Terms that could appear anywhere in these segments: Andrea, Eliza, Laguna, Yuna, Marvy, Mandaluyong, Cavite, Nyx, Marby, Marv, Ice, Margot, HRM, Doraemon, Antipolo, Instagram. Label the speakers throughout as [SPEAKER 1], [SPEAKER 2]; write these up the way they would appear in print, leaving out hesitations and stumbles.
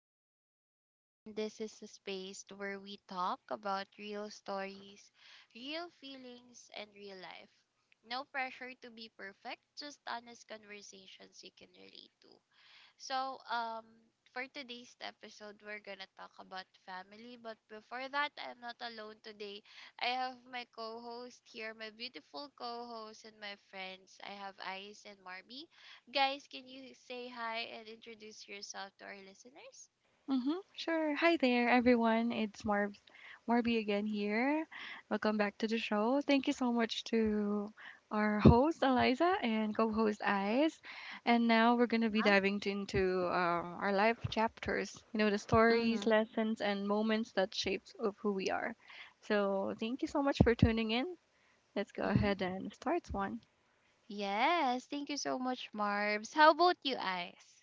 [SPEAKER 1] Liza, your host, and this is a space where we talk about real stories, real feelings, and real life. No pressure to be perfect, just honest conversations you can relate to. So, um, for today's episode, we're gonna talk about family. But before that, I'm not alone today. I have my co-host here, my beautiful co-host and my friends. I have Ice and Marby. Guys, can you say hi and introduce yourself to our listeners?
[SPEAKER 2] Mm-hmm. Sure. Hi there, everyone. It's Marby again here. Welcome back to the show. Thank you so much to our host Eliza and co-host Ice. And now we're gonna be
[SPEAKER 1] Huh?
[SPEAKER 2] diving into our life chapters. You know, the stories,
[SPEAKER 1] Mm-hmm.
[SPEAKER 2] lessons, and moments that shapes of who we are. So thank you so much for tuning in. Let's go
[SPEAKER 1] Mm-hmm.
[SPEAKER 2] ahead and start one.
[SPEAKER 1] Yes, thank you so much, Marbs. How about you, Ice?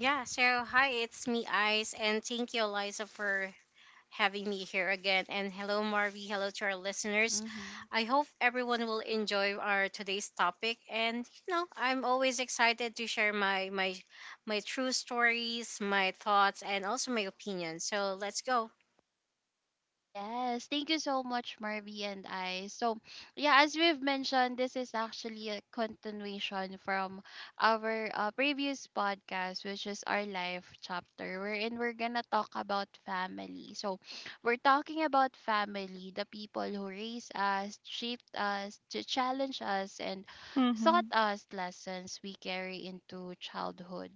[SPEAKER 3] Yeah, so hi, it's me, Ice, and thank you, Eliza, for having me here again. And hello, Marvy. Hello to our listeners.
[SPEAKER 1] Mm-hmm.
[SPEAKER 3] I hope everyone will enjoy our today's topic. And I'm always excited to share my true stories, my thoughts, and also my opinions. So let's go.
[SPEAKER 1] Yes, thank you so much, Marby and I. So, yeah, as we've mentioned, this is actually a continuation from our previous podcast, which is our life chapter, wherein we're gonna talk about family. So, we're talking about family, the people who raised us, shaped us, to challenge us, and taught
[SPEAKER 2] Mm-hmm.
[SPEAKER 1] us lessons we carry into childhood.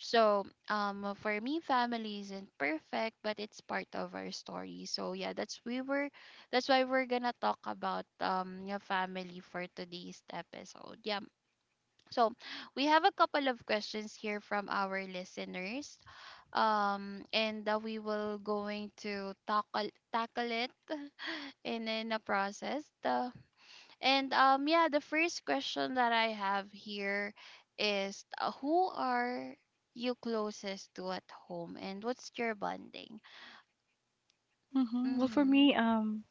[SPEAKER 1] For me, family isn't perfect, but it's part of our story. So yeah, that's why we're gonna talk about your family for today's episode. Yeah. So we have a couple of questions here from our listeners. And We will going to tackle it and in a process. And Yeah, the first question that I have here is who are you closest to at home and what's your bonding?
[SPEAKER 2] Mm-hmm. Well, for me,
[SPEAKER 1] Hmm.
[SPEAKER 2] um,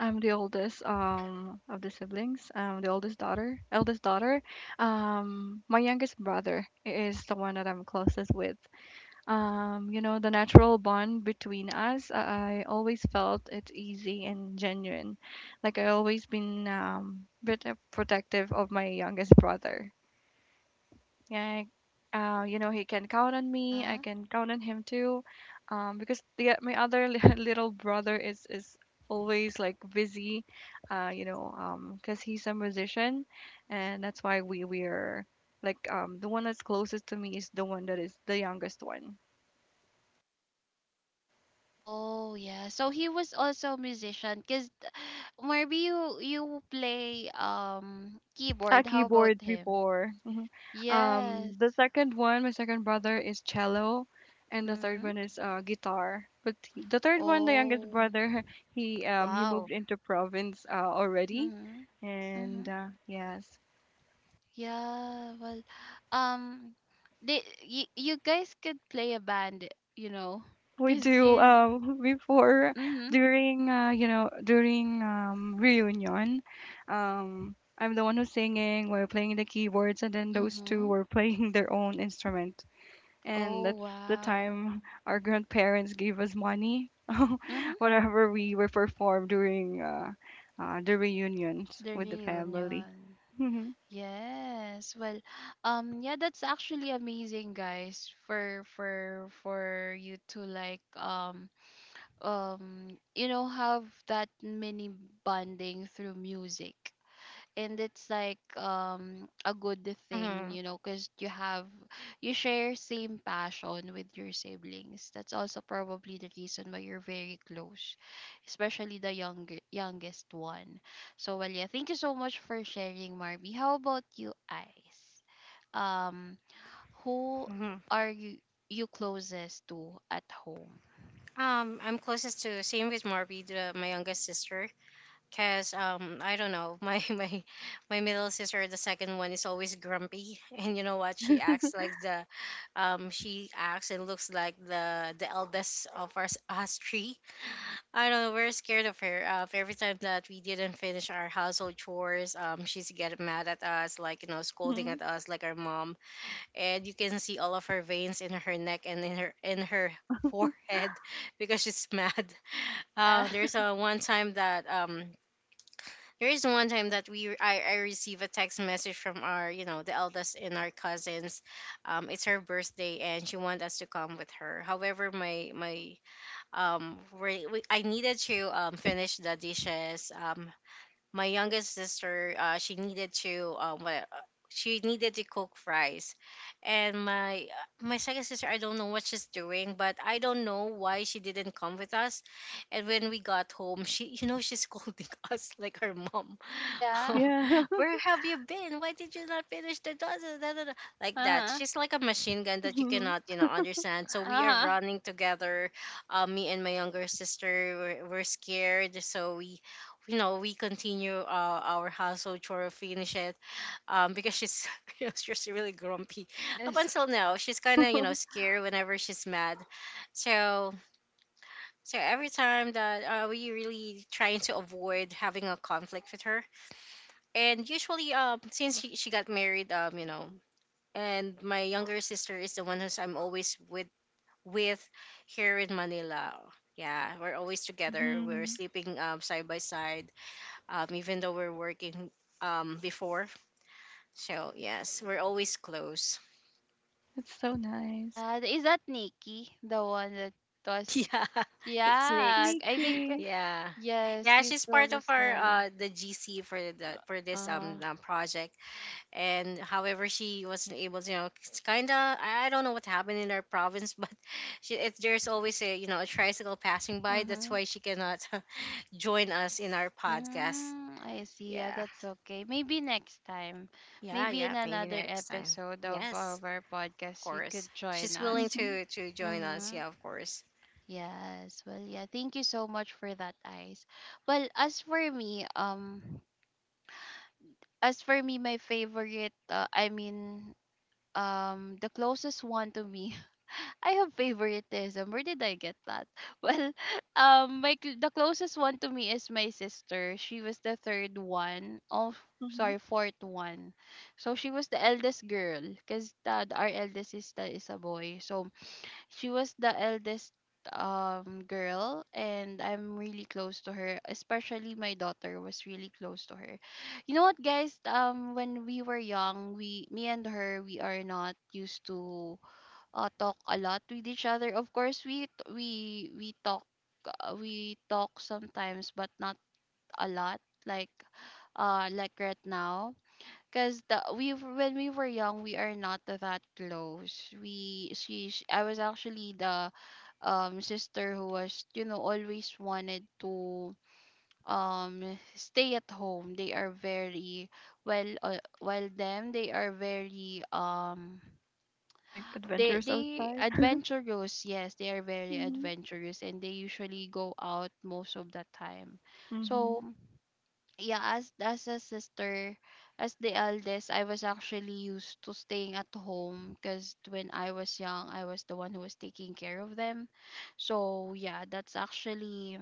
[SPEAKER 2] I'm the oldest of the siblings. I'm the oldest daughter, eldest daughter. My youngest brother is the one that I'm closest with. You know, the natural bond between us, I always felt it's easy and genuine. Like I always been bit of protective of my youngest brother. Yeah, you know, he can count on me. I
[SPEAKER 1] Uh-huh.
[SPEAKER 2] can count on him too, because the my other little brother is always like busy, you know, because he's a musician, and that's why we're like the one that's closest to me is the one that is the youngest one.
[SPEAKER 1] Oh yeah. So he was also a musician cuz maybe you play
[SPEAKER 2] A
[SPEAKER 1] keyboard. How about
[SPEAKER 2] keyboard
[SPEAKER 1] him?
[SPEAKER 2] before. Mhm.
[SPEAKER 1] Yes.
[SPEAKER 2] The second one, my second brother is cello, and the third
[SPEAKER 1] Mhm.
[SPEAKER 2] one is guitar. But the third one, the youngest
[SPEAKER 1] Oh.
[SPEAKER 2] brother, he
[SPEAKER 3] Wow.
[SPEAKER 2] moved into province already,
[SPEAKER 1] Mhm.
[SPEAKER 2] and
[SPEAKER 1] Mhm.
[SPEAKER 2] yes,
[SPEAKER 1] Yeah, well, um, they you guys could play a band, you know,
[SPEAKER 2] we
[SPEAKER 1] cause
[SPEAKER 2] do
[SPEAKER 1] this.
[SPEAKER 2] before
[SPEAKER 1] Mhm.
[SPEAKER 2] during you know during reunion, um. I'm the one who's singing, we're playing the keyboards, and then those two
[SPEAKER 1] Mhm.
[SPEAKER 2] were playing their own instrument. And
[SPEAKER 1] Oh
[SPEAKER 2] that's the
[SPEAKER 1] wow.
[SPEAKER 2] time our grandparents gave us money,
[SPEAKER 1] Mhm.
[SPEAKER 2] whatever we were performed during the reunions
[SPEAKER 1] The
[SPEAKER 2] with the family.
[SPEAKER 1] reunion.
[SPEAKER 2] Mm-hmm.
[SPEAKER 1] Yes. Yeah, that's actually amazing, guys. For for you to like you know have that mini bonding through music. And it's like a good thing,
[SPEAKER 3] hmm
[SPEAKER 1] you know, because you have, you share same passion with your siblings. That's also probably the reason why you're very close, especially the younger youngest one. So well, yeah, thank you so much for sharing, Marby. How about you, Ice? um who
[SPEAKER 3] hmm
[SPEAKER 1] are you closest to at home?
[SPEAKER 3] I'm closest to same with Marvy, the, my youngest sister. Cause I don't know my my middle sister, the second one, is always grumpy and you know what, she acts like the she acts and looks like the eldest of us three. I don't know, we're scared of her, every time that we didn't finish our household chores, she's getting mad at us, like, you know, scolding at us like our mom, and you can see all of her veins in her neck and in her forehead because she's mad.
[SPEAKER 1] Yeah.
[SPEAKER 3] um there's a one time that um there is one time that I receive a text message from our, you know, the eldest in our cousins. It's her birthday and she wanted us to come with her. However, I needed to finish the dishes. My youngest sister, she needed to she needed to cook fries, and my second sister, I don't know what she's doing, but I don't know why she didn't come with us. And when we got home, she, you know, she's scolding us like her mom.
[SPEAKER 1] yeah
[SPEAKER 3] um,
[SPEAKER 2] Yeah.
[SPEAKER 3] where have you been? Why did you not finish the da- da- da- da- da? Like that,
[SPEAKER 1] uh-huh.
[SPEAKER 3] she's like a machine gun that you cannot, you know, understand, so we are
[SPEAKER 1] Uh-huh.
[SPEAKER 3] running together. Me and my younger sister were scared, so we, you know, we continue, our household chore, finish it, because she's, you know, she's really grumpy. Up
[SPEAKER 1] Yes.
[SPEAKER 3] until now, she's kind of, you know, scared whenever she's mad. So, so every time that, we really trying to avoid having a conflict with her. And usually, since she got married, um, you know, and my younger sister is the one who's I'm always with here in Manila. Yeah, we're always together, we're
[SPEAKER 2] Mm-hmm.
[SPEAKER 3] sleeping side by side, even though we're working, before. So, yes, we're always close.
[SPEAKER 2] It's so nice.
[SPEAKER 1] Yeah, is that Nikki, the one that was?
[SPEAKER 3] Yeah, it's
[SPEAKER 1] Yeah,
[SPEAKER 3] Nyx.
[SPEAKER 1] I think
[SPEAKER 2] Mickey.
[SPEAKER 3] Yeah.
[SPEAKER 1] yes,
[SPEAKER 3] Yeah,
[SPEAKER 1] you
[SPEAKER 3] she's
[SPEAKER 1] told
[SPEAKER 3] part
[SPEAKER 1] the
[SPEAKER 3] of our
[SPEAKER 1] story.
[SPEAKER 3] the GC for the for
[SPEAKER 1] Uh
[SPEAKER 3] this
[SPEAKER 1] huh.
[SPEAKER 3] project, and however she wasn't able to, you know, it's kind of, I don't know what happened in our province, but she, it, there's always a, you know, a tricycle passing by. That's
[SPEAKER 1] Mm-hmm.
[SPEAKER 3] why she cannot join us in our podcast.
[SPEAKER 1] Mm, I see. Yeah,
[SPEAKER 3] Yeah,
[SPEAKER 1] that's okay. Maybe next time,
[SPEAKER 3] yeah,
[SPEAKER 1] maybe
[SPEAKER 3] yeah.
[SPEAKER 1] in
[SPEAKER 3] Maybe
[SPEAKER 1] another
[SPEAKER 3] next time.
[SPEAKER 1] episode of
[SPEAKER 3] Yes.
[SPEAKER 1] our
[SPEAKER 3] Of
[SPEAKER 1] podcast, you
[SPEAKER 3] course.
[SPEAKER 1] could join
[SPEAKER 3] She's willing
[SPEAKER 1] us.
[SPEAKER 2] Hmm.
[SPEAKER 3] to join us.
[SPEAKER 1] Mm-hmm.
[SPEAKER 3] Yeah, of course.
[SPEAKER 1] Yes. Well, yeah. Thank you so much for that, Ice. Well, as for me, um, as for me, my favorite, the closest one to me, I have favoritism. Where did I get that? Well, the closest one to me is my sister. She was the third one. Oh,
[SPEAKER 2] Hmm.
[SPEAKER 1] sorry, fourth one. So she was the eldest girl, cause our eldest sister is a boy. So she was the eldest girl and I'm really close to her, especially my daughter was really close to her. You know what, guys, when we were young, we me and her, we are not used to talk a lot with each other. Of course, we talk, we talk sometimes but not a lot like right now. Cause the we, when we were young, we are not that close. We she I was actually the sister who was, you know, always wanted to um stay at home. They are very well, well them they are very
[SPEAKER 2] Like
[SPEAKER 1] they
[SPEAKER 2] adventures
[SPEAKER 1] they
[SPEAKER 2] outside.
[SPEAKER 1] adventurous, yes, they are very
[SPEAKER 2] Hmm.
[SPEAKER 1] adventurous and they usually go out most of the time.
[SPEAKER 2] Hmm.
[SPEAKER 1] So yeah, as a sister, as the eldest, I was actually used to staying at home, because when I was young, I was the one who was taking care of them. So yeah, that's actually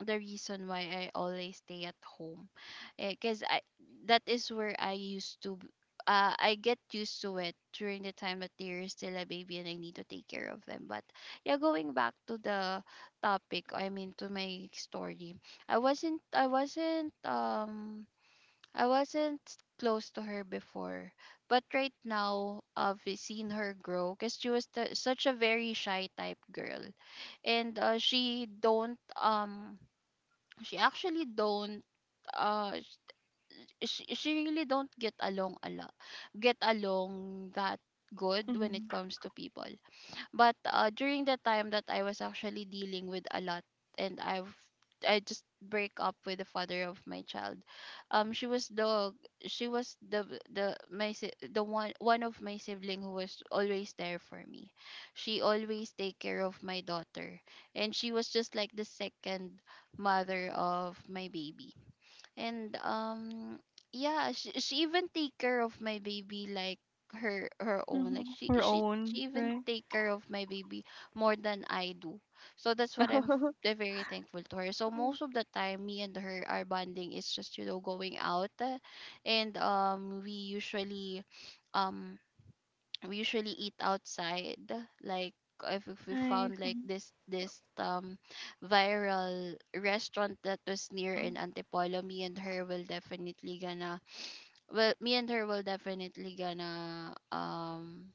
[SPEAKER 1] the reason why I always stay at home, because I that is where I used to I get used to it during the time that they're still a baby and I need to take care of them. But yeah, going back to the topic, I mean to my story, I wasn't I wasn't um I wasn't close to her before, but right now I've seen her grow because she was, the, such a very shy type girl, and she don't she actually don't uh she really don't get along that good when it
[SPEAKER 2] Hmm.
[SPEAKER 1] comes to people. But during the time that I was actually dealing with a lot, and I just break up with the father of my child. Um, she was the she was the my the one of my sibling who was always there for me. She always take care of my daughter, and she was just like the second mother of my baby. And Yeah, she even take care of my baby like her her own, like
[SPEAKER 2] Hmm. Our
[SPEAKER 1] she
[SPEAKER 2] own,
[SPEAKER 1] even
[SPEAKER 2] right?
[SPEAKER 1] take care of my baby more than I do. So that's what very thankful to her. So most of the time, me and her, our bonding is just, you know, going out, and um we usually eat outside, like if we
[SPEAKER 2] Nice.
[SPEAKER 1] found like this viral restaurant that was near in
[SPEAKER 2] Hmm.
[SPEAKER 1] Antipolo, me and her will definitely gonna well me and her will definitely gonna um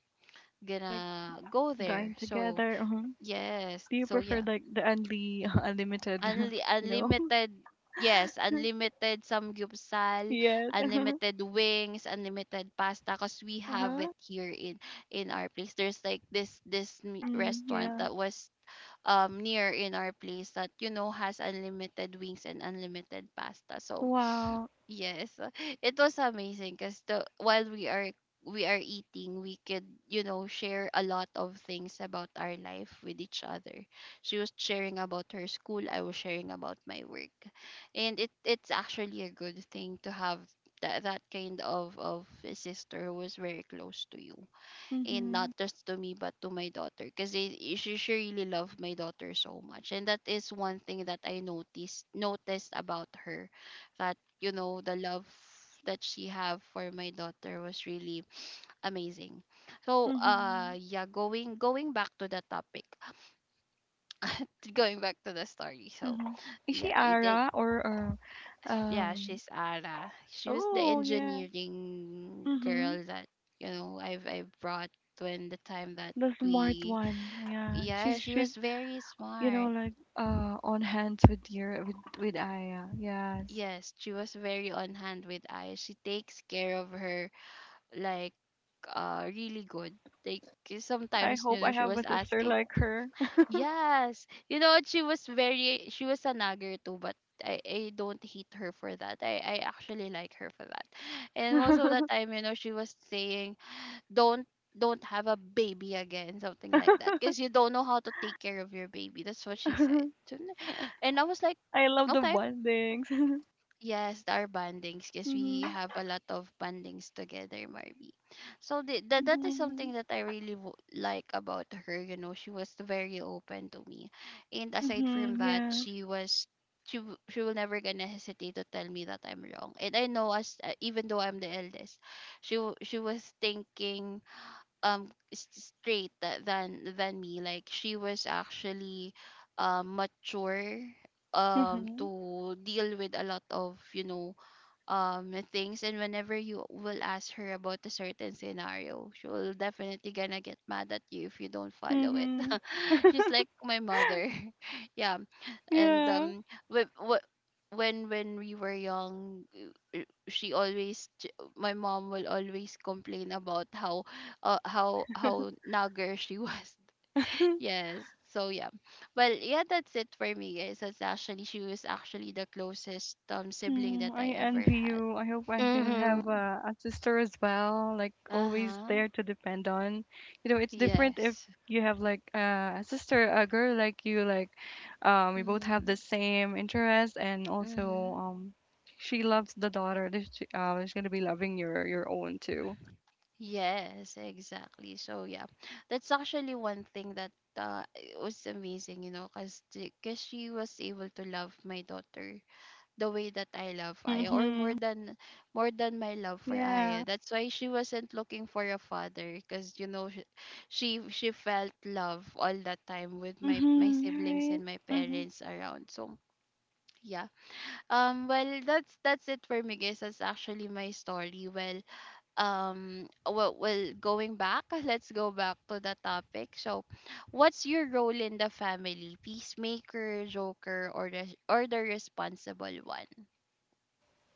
[SPEAKER 2] Like
[SPEAKER 1] gonna go there.
[SPEAKER 2] dine
[SPEAKER 1] So
[SPEAKER 2] together. Hmm.
[SPEAKER 1] yes,
[SPEAKER 2] Do you
[SPEAKER 1] so
[SPEAKER 2] prefer
[SPEAKER 1] yeah.
[SPEAKER 2] like the only unlimited, you know?
[SPEAKER 1] Unlimited, yes, unlimited samgyupsal,
[SPEAKER 2] Yes, uh-huh,
[SPEAKER 1] unlimited wings, unlimited pasta because we have it
[SPEAKER 2] uh-huh.
[SPEAKER 1] here in our place. There's like
[SPEAKER 2] Mm,
[SPEAKER 1] restaurant
[SPEAKER 2] yeah.
[SPEAKER 1] that was near in our place that, you know, has unlimited wings and unlimited pasta. So
[SPEAKER 2] Wow.
[SPEAKER 1] yes, it was amazing because the while we are eating, we could, you know, share a lot of things about our life with each other. She was sharing about her school, I was sharing about my work, and it's actually a good thing to have that kind of a sister who is very close to you, and not
[SPEAKER 2] Mm-hmm.
[SPEAKER 1] just to me but to my daughter, because she really loved my daughter so much, and that is one thing that I noticed about her, that, you know, the love that she have for my daughter was really amazing. So
[SPEAKER 2] Mm-hmm.
[SPEAKER 1] yeah, going back to the topic, going back to the story. So
[SPEAKER 2] Mm-hmm. Is
[SPEAKER 1] yeah,
[SPEAKER 2] she
[SPEAKER 1] it
[SPEAKER 2] Ara or
[SPEAKER 1] yeah,
[SPEAKER 2] um
[SPEAKER 1] she's Ara, she was the
[SPEAKER 2] oh yeah.
[SPEAKER 1] engineering
[SPEAKER 2] Mm-hmm.
[SPEAKER 1] girl that, you know, I brought when the time that
[SPEAKER 2] The smart
[SPEAKER 1] we,
[SPEAKER 2] one. Yeah.
[SPEAKER 1] yeah, she
[SPEAKER 2] She's
[SPEAKER 1] was very
[SPEAKER 2] you know
[SPEAKER 1] smart.
[SPEAKER 2] like on hands with your with Aya. Yes.
[SPEAKER 1] Yes, she was very on hand with Aya. She takes care of her like really good. Like, 'cause
[SPEAKER 2] I
[SPEAKER 1] sometimes, you
[SPEAKER 2] hope
[SPEAKER 1] know,
[SPEAKER 2] I
[SPEAKER 1] she
[SPEAKER 2] have
[SPEAKER 1] was
[SPEAKER 2] a sister
[SPEAKER 1] asking.
[SPEAKER 2] like her.
[SPEAKER 1] Yes, you know what, she was a nagger too, but I don't hate her for that. I actually like her for that. And most of the time, you know, she was saying don't don't have a baby again, something like that, because you don't know how to take care of your baby. That's what she said. And I was like,
[SPEAKER 2] I love the
[SPEAKER 1] okay.
[SPEAKER 2] bondings.
[SPEAKER 1] Yes, our bandings, because we
[SPEAKER 2] Mm-hmm.
[SPEAKER 1] have a lot of bandings together, Marby. So that that is
[SPEAKER 2] Mm-hmm.
[SPEAKER 1] something that I really like about her. You know, she was very open to me, and aside from
[SPEAKER 2] Mm-hmm.
[SPEAKER 1] that,
[SPEAKER 2] Yeah.
[SPEAKER 1] she she will never gonna hesitate to tell me that I'm wrong. And I know as even though I'm the eldest, she was thinking um s- straight than me, like she was actually mature
[SPEAKER 2] Mm-hmm.
[SPEAKER 1] to deal with a lot of, you know, things, and whenever you will ask her about a certain scenario, she will definitely gonna get mad at you if you don't follow it.
[SPEAKER 2] Mm-hmm.
[SPEAKER 1] she's like my mother. yeah. And
[SPEAKER 2] Yeah.
[SPEAKER 1] when we were young, she my mom will always complain about how how nagger she was. yes. So yeah, well yeah, that's it for me, guys. That's actually, she was actually the closest sibling that
[SPEAKER 2] Mm,
[SPEAKER 1] I
[SPEAKER 2] I
[SPEAKER 1] ever
[SPEAKER 2] envy
[SPEAKER 1] had.
[SPEAKER 2] you. I hope I can
[SPEAKER 3] Mm-hmm.
[SPEAKER 2] have
[SPEAKER 1] Mm-hmm.
[SPEAKER 2] a sister as well, like always
[SPEAKER 1] Uh-huh.
[SPEAKER 2] there to depend on. You know, it's different if
[SPEAKER 1] Yes.
[SPEAKER 2] you have like a sister, a girl like you, like we both have
[SPEAKER 1] Mm-hmm.
[SPEAKER 2] the same interest and also
[SPEAKER 1] Mm-hmm.
[SPEAKER 2] she loves the daughter. That She, she's gonna be loving your own too.
[SPEAKER 1] Yes, exactly. So yeah, that's actually one thing that it was amazing, you know, cause cause she was able to love my daughter the way that I love Aya, or
[SPEAKER 2] Mm-hmm.
[SPEAKER 1] more than my love for
[SPEAKER 2] Yeah.
[SPEAKER 1] Aya. That's why she wasn't looking for a father, cause you know she felt love all that time with my
[SPEAKER 2] Mm-hmm. You're
[SPEAKER 1] siblings
[SPEAKER 2] right.
[SPEAKER 1] and my
[SPEAKER 2] Mm-hmm.
[SPEAKER 1] parents around. So yeah. Well, that's it for me, guys. That's actually my story. Well, going back, let's go back to the topic. So, what's your role in the family? Peacemaker, joker, or the responsible one?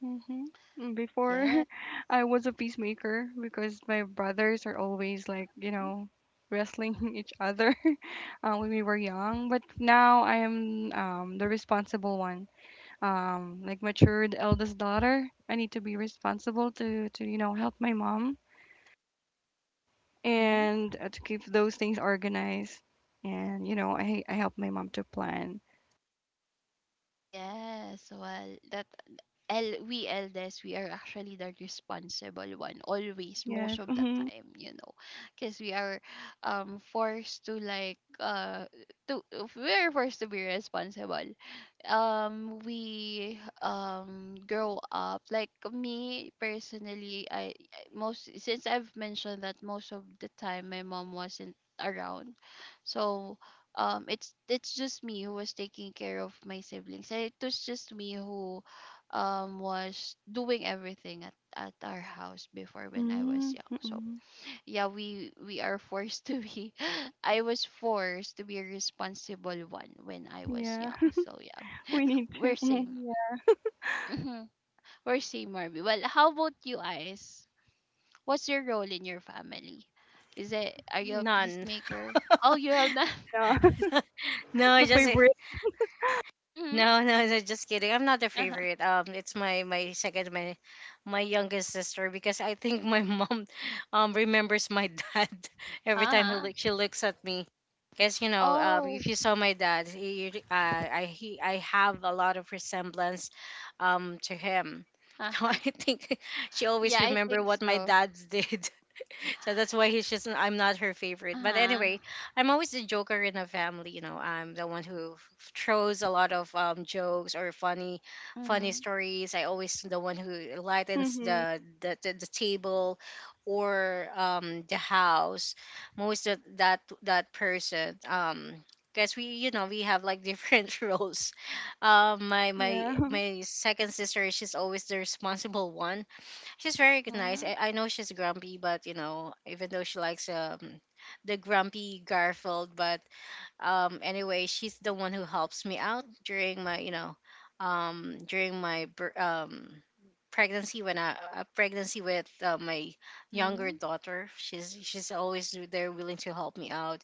[SPEAKER 2] Mm-hmm. Before
[SPEAKER 1] Yeah.
[SPEAKER 2] I was a peacemaker because my brothers are always like, you know, wrestling each other when we were young. But now I am the responsible one, like matured eldest daughter. I need to be responsible to you know, help my mom
[SPEAKER 1] Mm-hmm.
[SPEAKER 2] and to keep those things organized. And, you know, I help my mom to plan.
[SPEAKER 1] Yes. Well, that el- we eldest we are actually the responsible one always most
[SPEAKER 2] Yes.
[SPEAKER 1] of the
[SPEAKER 2] Mm-hmm.
[SPEAKER 1] time because we are forced to to we are forced to be responsible. We Grow up, like, me personally, most, since I've mentioned that, most of the time my mom wasn't around. So it's just me who was taking care of my siblings, and it was just me who was doing everything at our house before when I was
[SPEAKER 2] Mm-hmm.
[SPEAKER 1] young. So
[SPEAKER 2] Mm-hmm.
[SPEAKER 1] yeah, we are forced to be I was forced to be a responsible one when I was
[SPEAKER 2] Yeah.
[SPEAKER 1] young. So yeah.
[SPEAKER 2] We need to.
[SPEAKER 1] We're same.
[SPEAKER 2] Yeah.
[SPEAKER 1] Mhm. We're same, Marby. Well, how about you guys? What's your role in your family? Is it Are you a
[SPEAKER 3] None.
[SPEAKER 1] peacemaker? Oh, you have not
[SPEAKER 2] No.
[SPEAKER 3] No,
[SPEAKER 2] The
[SPEAKER 3] just a-
[SPEAKER 2] favorite.
[SPEAKER 1] mm-hmm.
[SPEAKER 3] no, no, no. Just kidding. I'm not the
[SPEAKER 1] Uh-huh.
[SPEAKER 3] favorite. It's my my second, my youngest sister, because I think my mom, remembers my dad every time he
[SPEAKER 1] Uh-huh.
[SPEAKER 3] look she looks at me. Because, you know,
[SPEAKER 1] Oh.
[SPEAKER 3] if you saw my dad, I have a lot of resemblance, to him. So I
[SPEAKER 1] Uh-huh.
[SPEAKER 3] think she always
[SPEAKER 1] Yeah, I
[SPEAKER 3] remember
[SPEAKER 1] think
[SPEAKER 3] what my
[SPEAKER 1] so.
[SPEAKER 3] dad did. So that's why he's just I'm not her favorite. But
[SPEAKER 1] Uh-huh.
[SPEAKER 3] anyway, I'm always the joker in the family. You know, I'm the one who throws a lot of, jokes or funny
[SPEAKER 1] Mm-hmm.
[SPEAKER 3] stories. I always the one who lightens
[SPEAKER 2] Mhm.
[SPEAKER 3] the table, or the house. I'm always that person. Because we, you know, we have like different roles. um my my
[SPEAKER 2] Yeah.
[SPEAKER 3] my second sister, she's always the responsible one. She's very good, nice.
[SPEAKER 1] Mm-hmm.
[SPEAKER 3] I know she's grumpy, but you know, even though she likes the grumpy Garfield, but anyway, she's the one who helps me out during my, you know, during my pregnancy when I pregnancy with, my younger
[SPEAKER 1] Mm-hmm.
[SPEAKER 3] daughter. She's always there willing to help me out.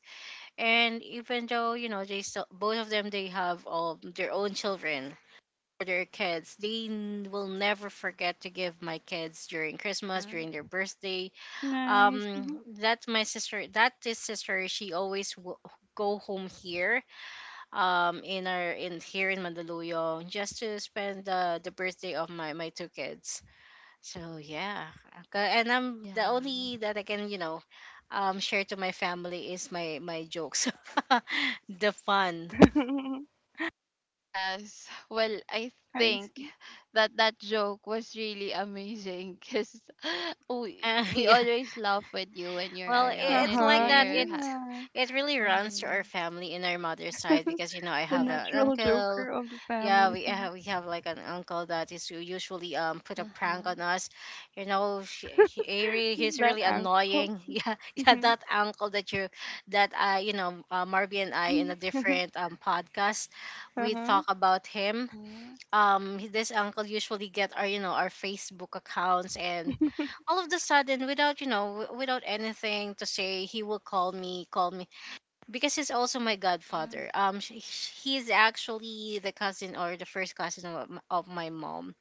[SPEAKER 3] And even though, you know, they still both of them, they have, their own children, for their kids, they will never forget to give my kids during Christmas,
[SPEAKER 1] Mm-hmm.
[SPEAKER 3] during their birthday.
[SPEAKER 2] Nice.
[SPEAKER 3] Um,
[SPEAKER 2] Mhm.
[SPEAKER 3] that's my sister. That is sister. She always go home here, in our in here in Mandaluyong, just to spend the birthday of my my two kids. So yeah, and I'm the
[SPEAKER 1] Yeah.
[SPEAKER 3] only that I can, you know, share to my family is my my jokes, the fun.
[SPEAKER 1] Yes. Well, I
[SPEAKER 2] I
[SPEAKER 1] think
[SPEAKER 2] see.
[SPEAKER 1] that that joke was really amazing because we we
[SPEAKER 3] Yeah.
[SPEAKER 1] always laugh with you when you're
[SPEAKER 3] Well, it,
[SPEAKER 1] around,
[SPEAKER 3] it's
[SPEAKER 1] and
[SPEAKER 3] like
[SPEAKER 2] Uh-huh.
[SPEAKER 3] that.
[SPEAKER 1] you're
[SPEAKER 3] It
[SPEAKER 1] ha-
[SPEAKER 2] Yeah.
[SPEAKER 3] it really runs to
[SPEAKER 1] uh-huh.
[SPEAKER 3] our family in our mother's side, because you know, I
[SPEAKER 2] The
[SPEAKER 3] have an
[SPEAKER 1] Yes.
[SPEAKER 2] natural
[SPEAKER 3] uncle.
[SPEAKER 2] joker of the
[SPEAKER 3] Yeah,
[SPEAKER 2] family.
[SPEAKER 3] we have like an uncle that is usually put a prank
[SPEAKER 1] Uh-huh.
[SPEAKER 3] on us. You know, he's
[SPEAKER 2] That
[SPEAKER 3] really
[SPEAKER 2] uncle.
[SPEAKER 3] annoying. Yeah, yeah, that uncle that you that I, you know, Marby and I in a
[SPEAKER 2] Mhm.
[SPEAKER 3] different, podcast, we
[SPEAKER 2] Uh-huh.
[SPEAKER 3] talk about him.
[SPEAKER 1] Mm-hmm.
[SPEAKER 3] This uncle usually get our, you know, our Facebook accounts, and all of the sudden, without, you know, without anything to say, he will call me because he's also my
[SPEAKER 1] Mm-hmm.
[SPEAKER 3] godfather. He's actually the cousin or the first cousin of, of my mom.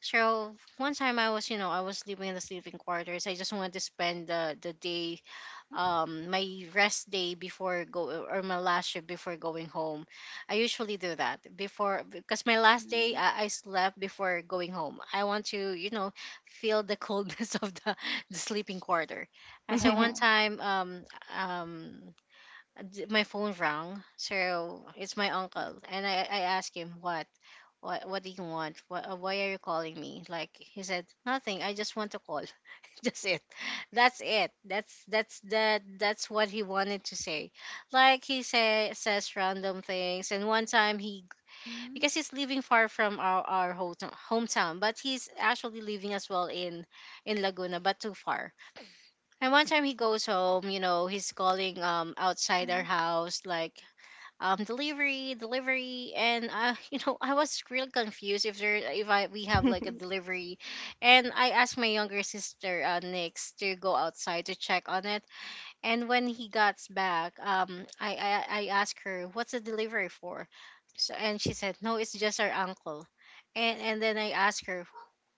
[SPEAKER 3] So one time, I was you know, I was living in the sleeping quarters, I just wanted to spend the day,
[SPEAKER 1] Mm-hmm.
[SPEAKER 3] my rest day before go, or my last shift before going home. I usually do that before because my last day,
[SPEAKER 1] Mm-hmm.
[SPEAKER 3] I slept before going home. I want to, you know, feel the coldness of the sleeping quarter. And so one
[SPEAKER 1] Yeah.
[SPEAKER 3] time, um my phone rang, so it's my
[SPEAKER 1] Mm-hmm.
[SPEAKER 3] uncle, and I asked him what, what do you want? What, why are you calling me? Like he said, nothing. I just want to call. That's it. That's it. That. That's what he wanted to say. Like he says random things. And one time he,
[SPEAKER 1] Mm-hmm.
[SPEAKER 3] because he's living far from our, hometown, but he's actually living as well in Laguna, but too far. And one time he goes home. You know, he's calling outside our
[SPEAKER 1] Mm-hmm.
[SPEAKER 3] house, like, um, delivery, and you know, I was really confused if there, if I we have like a delivery. And I asked my younger sister, uh, Nix, to go outside to check on it. And when he got back, um, I asked her what's the delivery for. So, and she said, no, it's just our uncle. And then I asked her,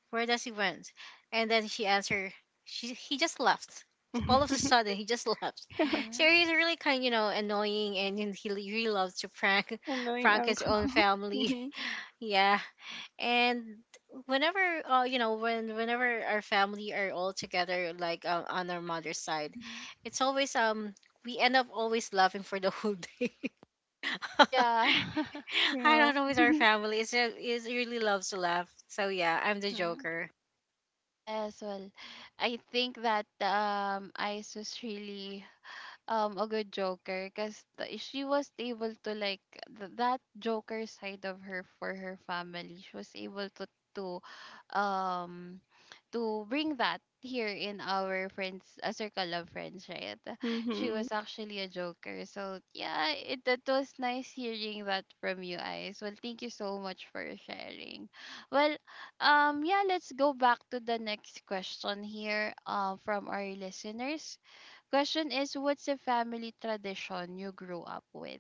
[SPEAKER 3] where does he went? And then she answered, she, he just left. All of a sudden, he just left.
[SPEAKER 2] Yeah.
[SPEAKER 3] So
[SPEAKER 1] Mm-hmm.
[SPEAKER 3] he's really kind, you know, annoying, and then he really loves to prank,
[SPEAKER 2] Annoying
[SPEAKER 3] prank his
[SPEAKER 2] uncle.
[SPEAKER 3] own family.
[SPEAKER 2] Mhm.
[SPEAKER 3] Yeah. And whenever, you know, whenever our family are all together, like, on our mother's side,
[SPEAKER 1] Mm-hmm.
[SPEAKER 3] it's always, um, we end up always laughing for the whole day.
[SPEAKER 1] Yeah.
[SPEAKER 3] I
[SPEAKER 2] Yeah.
[SPEAKER 3] don't know, with our family, it's, a- really loves to laugh. So yeah, I'm the
[SPEAKER 1] Mm-hmm.
[SPEAKER 3] joker.
[SPEAKER 1] Yes, well, I think that Ice was really a good joker because she was able to, like, that joker side of her for her family, she was able to to um bring that here in our friends, a circle of friends, right? She
[SPEAKER 2] Mhm.
[SPEAKER 1] was actually a joker. So yeah, it that was nice hearing that from you guys. Well, thank you so much for sharing. Well, yeah, let's go back to the next question here, from our listeners. Question is, what's a family tradition you grew up with?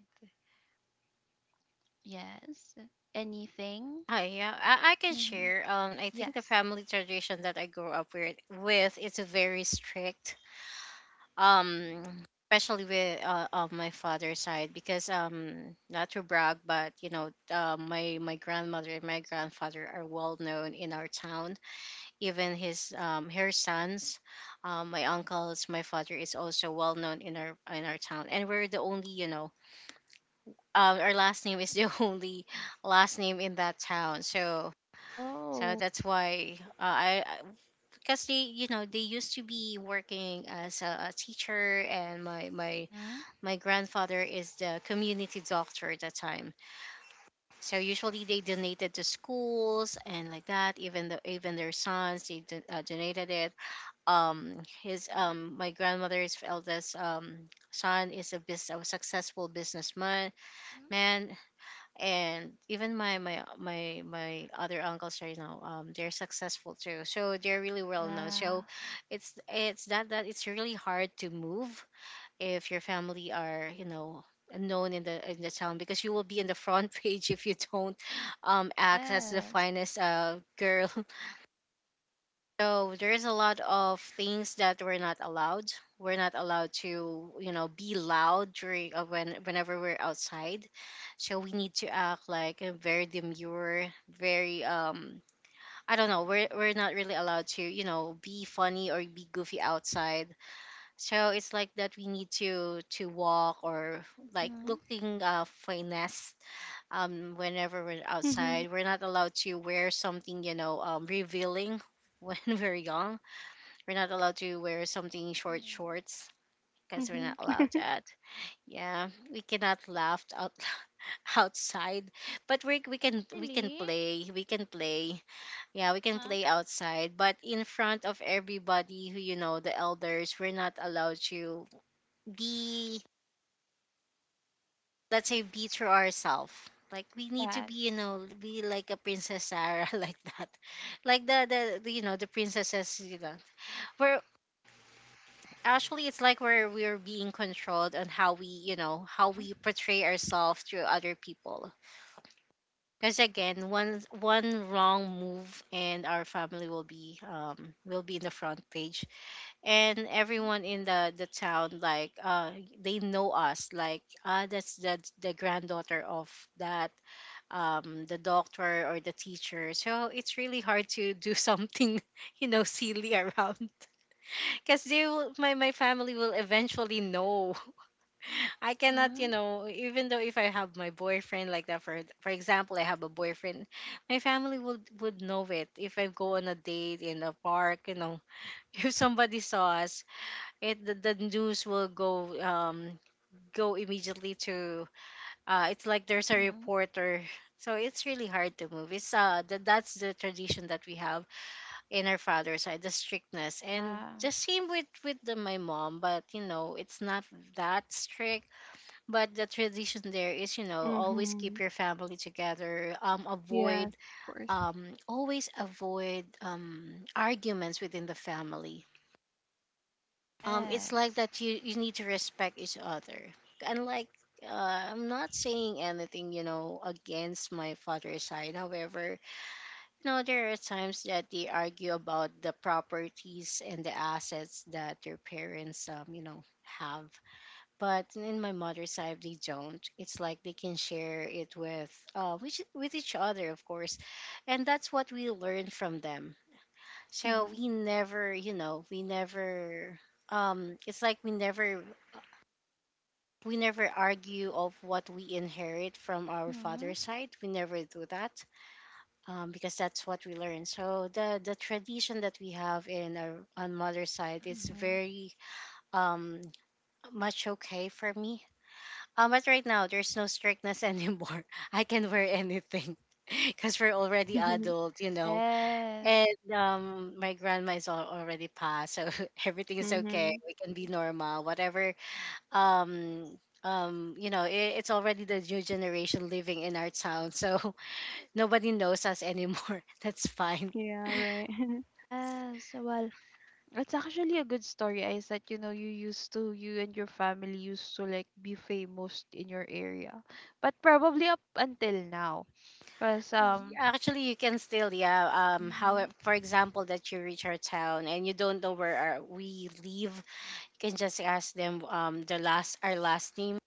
[SPEAKER 1] Yes. Anything?
[SPEAKER 3] Hi, yeah, I can
[SPEAKER 1] Mm-hmm.
[SPEAKER 3] share. I think the
[SPEAKER 1] Yes.
[SPEAKER 3] family tradition that I grew up with, it's very strict. Um, especially with, of my father's side, because, not to brag, but you know, my my grandmother and my grandfather are well known in our town. Even his her sons, my uncles, my father, is also well known in our town, and we're the only, you know. Our last name is the only last name in that town. So, so
[SPEAKER 1] Oh.
[SPEAKER 3] that's why, because they, you know, they used to be working as a teacher. And
[SPEAKER 1] Mm-hmm.
[SPEAKER 3] my grandfather is the community doctor at that time. So usually they donated to schools and like that. Even the, even their sons, they donated it. Um, his
[SPEAKER 1] Mhm,
[SPEAKER 3] my grandmother's eldest, um, son is a a successful businessman,
[SPEAKER 1] mhm,
[SPEAKER 3] man. And even my other uncles right now, um, they're successful too, so they're really well known. So
[SPEAKER 1] yeah.
[SPEAKER 3] it's that it's really hard to move if your family are, you know, known in the town, because you will be in the front page if you don't, um, act as the
[SPEAKER 1] Yes.
[SPEAKER 3] finest, uh, girl. So there's a lot of things that we're not allowed. We're not allowed to, you know, be loud during, when whenever we're outside. So we need to act like very demure, very I don't know, we're not really allowed to, be funny or be goofy outside. So it's like that we need to walk or like
[SPEAKER 1] Mm-hmm.
[SPEAKER 3] looking finesse whenever we're
[SPEAKER 2] Mhm.
[SPEAKER 3] outside. We're not allowed to wear something, revealing when we're young, we're not allowed to wear something short
[SPEAKER 1] Mhm.
[SPEAKER 3] shorts because we're
[SPEAKER 2] Mhm.
[SPEAKER 3] not allowed that. Yeah, we cannot laugh out outside, but we can
[SPEAKER 1] Really?
[SPEAKER 3] play we can play, yeah, we can
[SPEAKER 1] Uh-huh.
[SPEAKER 3] play outside, but in front of everybody who, you know, the elders, we're not allowed to be, let's say, be true ourselves. Like we need to be you
[SPEAKER 1] Yes.
[SPEAKER 3] know be like a princess Sarah, like that, like the princesses. You know, we're actually it's like we're being controlled on how we you know how
[SPEAKER 1] Mm-hmm.
[SPEAKER 3] we portray ourselves through other people. Because again, one wrong move and our family will be in the front page, and
[SPEAKER 1] Mhm,
[SPEAKER 3] everyone in the town, like, they know us like, ah, that's the granddaughter of that the doctor or the teacher. So it's really hard to do something you know, silly around, because my family will eventually know. I cannot,
[SPEAKER 1] mm-hmm.
[SPEAKER 3] even though if I have my boyfriend, like that, for example, I have a boyfriend, my family would know it if I go on a date in a park. If somebody saw us, the news will go immediately to it's like there's a
[SPEAKER 1] Mm-hmm.
[SPEAKER 3] reporter. So it's really hard to move. It's that that's the tradition that we have in our father's side, the strictness. And
[SPEAKER 1] Yeah.
[SPEAKER 3] the same with my mom, but, it's not that strict, but the tradition there is, always keep
[SPEAKER 2] Mhm.
[SPEAKER 3] your family together.
[SPEAKER 2] Yeah.
[SPEAKER 3] Avoid,
[SPEAKER 2] Of course.
[SPEAKER 3] always avoid, arguments within the family. It's like
[SPEAKER 1] Yes.
[SPEAKER 3] that you need to respect each other and, like, I'm not saying anything, against my father's side. However, there are times that they argue about the properties and the assets that their parents, have. But in my mother's side, they don't. It's like they can share it with each other, of course, and that's what we learn from them. So
[SPEAKER 2] Mhm.
[SPEAKER 3] we never, it's like we never argue of what we inherit from our
[SPEAKER 1] Mm-hmm.
[SPEAKER 3] father's side. We never do that, because that's what we learn. So the tradition that we have in our on mother's side is
[SPEAKER 1] Mm-hmm.
[SPEAKER 3] very um much okay for me. But right now, there's no strictness anymore. I can wear anything because we're already adult. And
[SPEAKER 1] Yes.
[SPEAKER 3] my grandma is already passed, so everything is okay.
[SPEAKER 2] Mhm.
[SPEAKER 3] We can be normal, whatever. Um, it's already the new generation living in our town, so nobody knows us anymore. That's fine.
[SPEAKER 2] Yeah, right.
[SPEAKER 1] Yes. Well, it's actually a good story, is that, you know, you used to, you and your family used to, like, be famous in your area, but probably up until now, cause um.
[SPEAKER 3] Actually, you can still, yeah. How,
[SPEAKER 1] Mm-hmm,
[SPEAKER 3] for example, that you reach our town and you don't know where we live, can just ask them, the last our last name,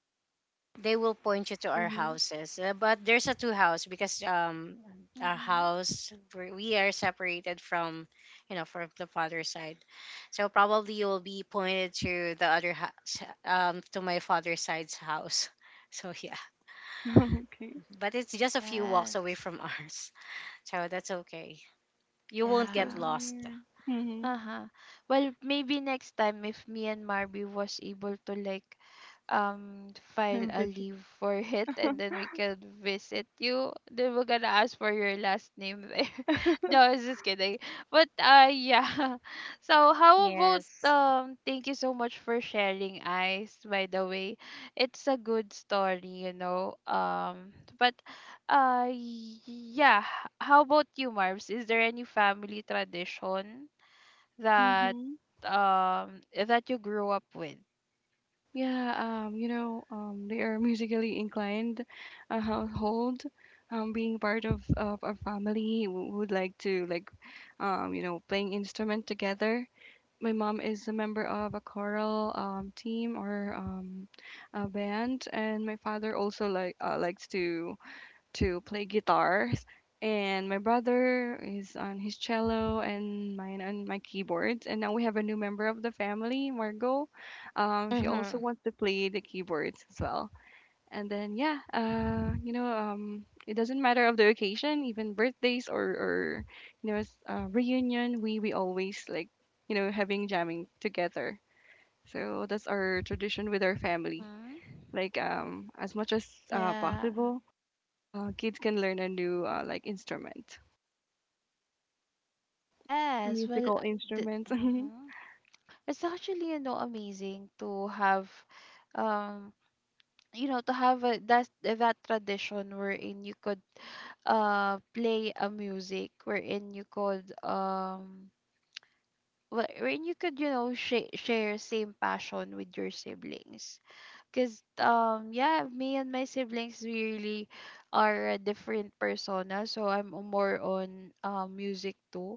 [SPEAKER 3] they will point you to our
[SPEAKER 2] Mhm.
[SPEAKER 3] houses. But there's a two house because our
[SPEAKER 1] mm-hmm.
[SPEAKER 3] house, we are separated from, from the father's side. So probably you will be pointed to the other house, to my father's side's house. So yeah,
[SPEAKER 2] Okay.
[SPEAKER 3] but it's just a few walks away
[SPEAKER 1] Yes.
[SPEAKER 3] from ours. So that's okay. You won't
[SPEAKER 2] So
[SPEAKER 3] get
[SPEAKER 1] Yeah.
[SPEAKER 3] lost.
[SPEAKER 2] weird. Mhm.
[SPEAKER 1] Uh-huh. Well, maybe next time if me and Marby was able to um file a leave for it, and then we could visit you, then we're gonna ask for your last name there. No, I was just kidding. But yeah. So how about
[SPEAKER 3] Yes.
[SPEAKER 1] thank you so much for sharing, Ice, by the way. It's a good story, you know. But yeah, how about you, Marvs? Is there any family tradition that
[SPEAKER 2] Mm-hmm.
[SPEAKER 1] that you grew up with?
[SPEAKER 2] Yeah, you know, they are musically inclined, a household, being part of a family who would like to like, you know, playing instrument together. My mom is a member of a choral team or a band, and my father also like likes to play guitars, and my brother is on his cello, and mine on my keyboards. And now we have a new member of the family, Margot. She also
[SPEAKER 3] Mm-hmm.
[SPEAKER 2] wants to play the keyboards as well. And then yeah, you know, it doesn't matter of the occasion, even birthdays or you know, reunion. We always like you know having jamming together. So that's our tradition with our family.
[SPEAKER 1] Mhm.
[SPEAKER 2] Like as much as
[SPEAKER 1] Yeah.
[SPEAKER 2] possible kids can learn a new like instrument,
[SPEAKER 1] Yes. Well,
[SPEAKER 2] musical
[SPEAKER 1] the,
[SPEAKER 2] instruments. Mhm.
[SPEAKER 1] mhm. it's actually, you know, amazing to have, um, you know, to have a, that that tradition wherein you could play a music, wherein you could wherein you could, you know, share same passion with your siblings. Cause yeah, me and my siblings, we really are a different persona. So I'm more on music too,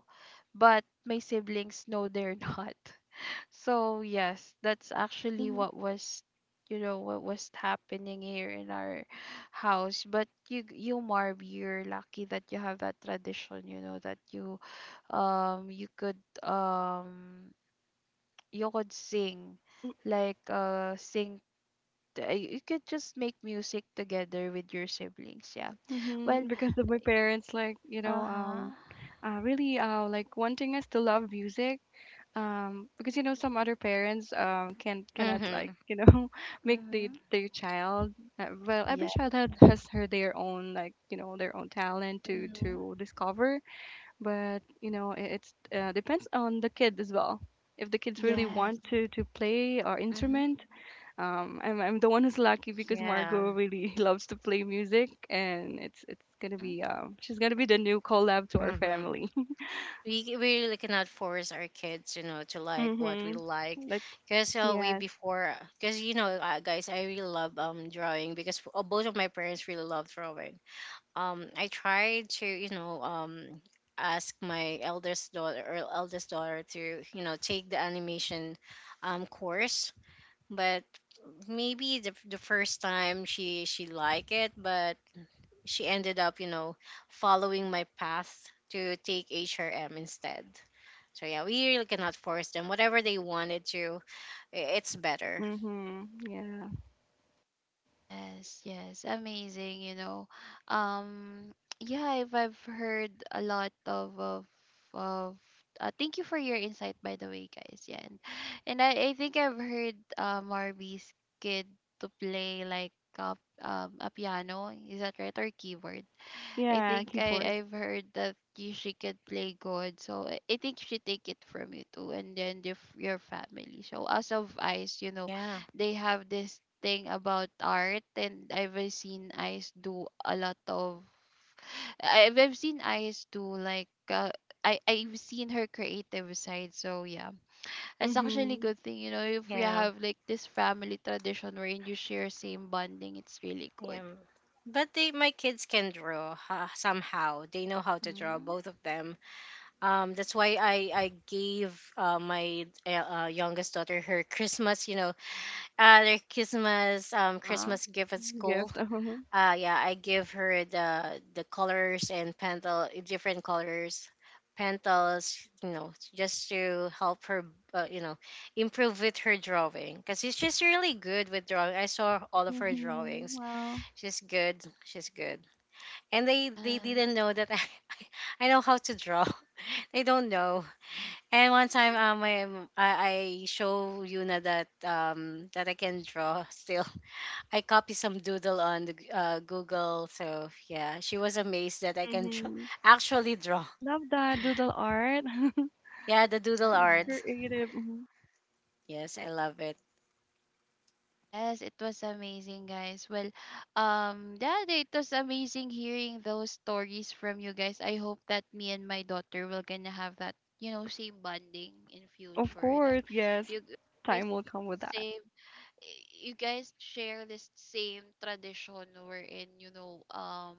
[SPEAKER 1] but my siblings, no, they're not. So yes, that's actually
[SPEAKER 2] Mhm.
[SPEAKER 1] what was, you know, what was happening here in our house. But you, Marv, you're lucky that you have that tradition. You know that you um you could um you could sing, like, sing you could just make music together with your siblings. Yeah. Well,
[SPEAKER 2] Mhm. Because of my parents, like you know,
[SPEAKER 1] uh-huh.
[SPEAKER 2] really like wanting us to love music. Because you know some other parents can cannot like
[SPEAKER 3] Mm-hmm.
[SPEAKER 2] you know make the
[SPEAKER 1] Mm-hmm.
[SPEAKER 2] their child well every
[SPEAKER 1] Yeah,
[SPEAKER 2] child has her their own like you know their own talent
[SPEAKER 1] mm-hmm.
[SPEAKER 2] to discover but you know it's depends on the kid as well if the kids really want
[SPEAKER 1] Yes.
[SPEAKER 2] to play or
[SPEAKER 1] Mm-hmm.
[SPEAKER 2] instrument. I'm the one who's lucky because
[SPEAKER 3] Yeah.
[SPEAKER 2] Margot really loves to play music, and it's gonna
[SPEAKER 1] Mm-hmm.
[SPEAKER 2] be she's gonna be the new collab to our
[SPEAKER 3] Mm-hmm.
[SPEAKER 2] family.
[SPEAKER 3] We really cannot force our kids, to like what we
[SPEAKER 2] Mhm.
[SPEAKER 3] like,
[SPEAKER 2] Like
[SPEAKER 3] because way
[SPEAKER 2] yes.
[SPEAKER 3] before because guys, I really love drawing, because both of my parents really love drawing. I tried to, ask my eldest daughter to, take the animation course. But maybe the first time she liked it, but she ended up, following my path to take HRM instead. So yeah, we really cannot force them. Whatever they wanted to, it's better.
[SPEAKER 2] Mhm. Yeah.
[SPEAKER 1] Yes, yes. Amazing, you know. Um yeah, I've heard a lot of thank you for your insight, by the way, guys. Yeah. And I think I've heard Marby's kid to play like uh, a piano, is that right? Or keyboard? I
[SPEAKER 2] Yeah.
[SPEAKER 1] think I
[SPEAKER 2] Keyboard.
[SPEAKER 1] I've heard that you, she could play God, so I think she take it from you too, and then the, your family. So as of Ice, you know,
[SPEAKER 3] Yeah,
[SPEAKER 1] they have this thing about art, and I've seen Ice do a lot of. I've seen Ice do like I've seen her creative side. So yeah, it's actually a
[SPEAKER 2] Mhm.
[SPEAKER 1] good thing, you know, if you
[SPEAKER 3] yeah,
[SPEAKER 1] have like this family tradition wherein you share same bonding, it's really
[SPEAKER 3] yeah.
[SPEAKER 1] good.
[SPEAKER 3] But my kids can draw, somehow. They know how to draw,
[SPEAKER 1] Mm-hmm.
[SPEAKER 3] both of them. That's why I gave my youngest daughter her Christmas, you know, uh, their Christmas
[SPEAKER 1] Uh
[SPEAKER 3] um
[SPEAKER 1] huh.
[SPEAKER 3] Christmas gift at school.
[SPEAKER 2] Gift. Uh-huh.
[SPEAKER 3] Yeah, I give her the colors and pentel, different colors, pentals, just to help her, uh, you know, improve with her drawing. Because she's just really good with drawing. I saw all of her
[SPEAKER 2] Mhm.
[SPEAKER 3] drawings.
[SPEAKER 2] Wow.
[SPEAKER 3] She's good. She's good. And they didn't
[SPEAKER 1] Yes.
[SPEAKER 3] know that I I know how to draw. They don't know. And one time, I show Yuna that I can draw still. I copy some doodle on the Google. So yeah, she was amazed that I can draw,
[SPEAKER 2] Mhm.
[SPEAKER 3] actually draw.
[SPEAKER 2] I love that doodle art.
[SPEAKER 3] Yeah, the doodle art.
[SPEAKER 1] Yes.
[SPEAKER 2] Creative. Mhm.
[SPEAKER 3] Yes, I love it.
[SPEAKER 1] Yes, it was amazing, guys. Well, yeah, it was amazing hearing those stories from you guys. I hope that me and my daughter will gonna have that, you know, same bonding in
[SPEAKER 2] Of
[SPEAKER 1] future, that
[SPEAKER 2] course. Yes.
[SPEAKER 1] you g- guys
[SPEAKER 2] Time will come with that.
[SPEAKER 1] same you guys share this same tradition wherein, you know,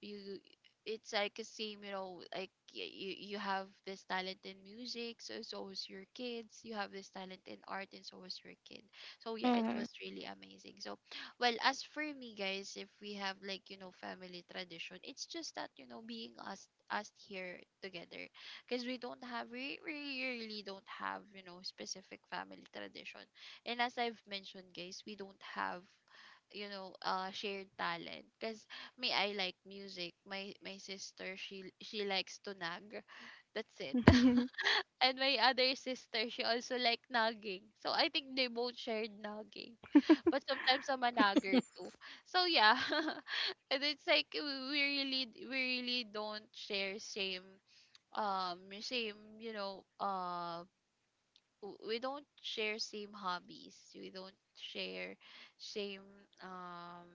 [SPEAKER 1] you it's like a same, you know, like, you you have this talent in music, so so is your kids, you have this talent in art, and so is your kid. So yeah, it
[SPEAKER 3] Mm-hmm.
[SPEAKER 1] was really amazing. So well, as for me, guys, if we have like, you know, family tradition, it's just that, you know, being us, here together, because we don't have, we really don't have, you know, specific family tradition. And as I've mentioned, guys, we don't have, you know, shared talent, because me, I like music, my sister, she likes to nag, that's it.
[SPEAKER 2] Mhm.
[SPEAKER 1] And my other sister, she also like nagging, so I think they both shared nagging, but sometimes I'm a nagger too. So yeah. And it's like we we really we really don't share same you know, we don't share same hobbies, we don't share same um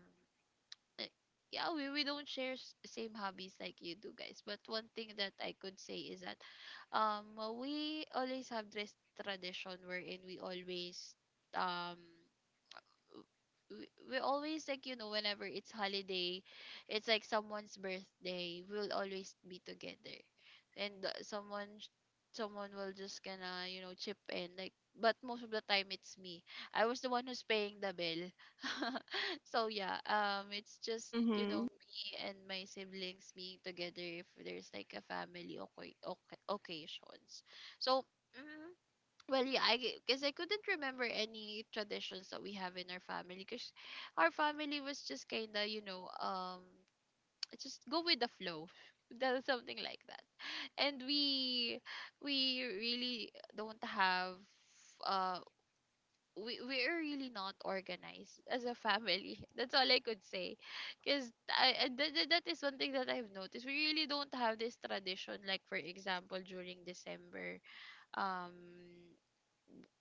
[SPEAKER 1] eh, yeah, we don't share same hobbies like you do, guys. But one thing that I could say is that um we always have this tradition wherein we always um we always, like, you know, whenever it's holiday, it's like someone's birthday, we'll always be together. And someone someone will just gonna, you know, chip in, like, but most of the time it's me, I was the one who's paying the bill. So yeah, it's just, you know,
[SPEAKER 2] Mhm.
[SPEAKER 1] me and my siblings being together if there's like a family, okay, okay, occasions. So mm, well, yeah, I, because I couldn't remember any traditions that we have in our family, because our family was just kind of, you know, just go with the flow, that something like that. And we really don't have uh we are really not organized as a family. That's all I could say, because I, that, that is one thing that I've noticed. We really don't have this tradition. Like, for example, during December, um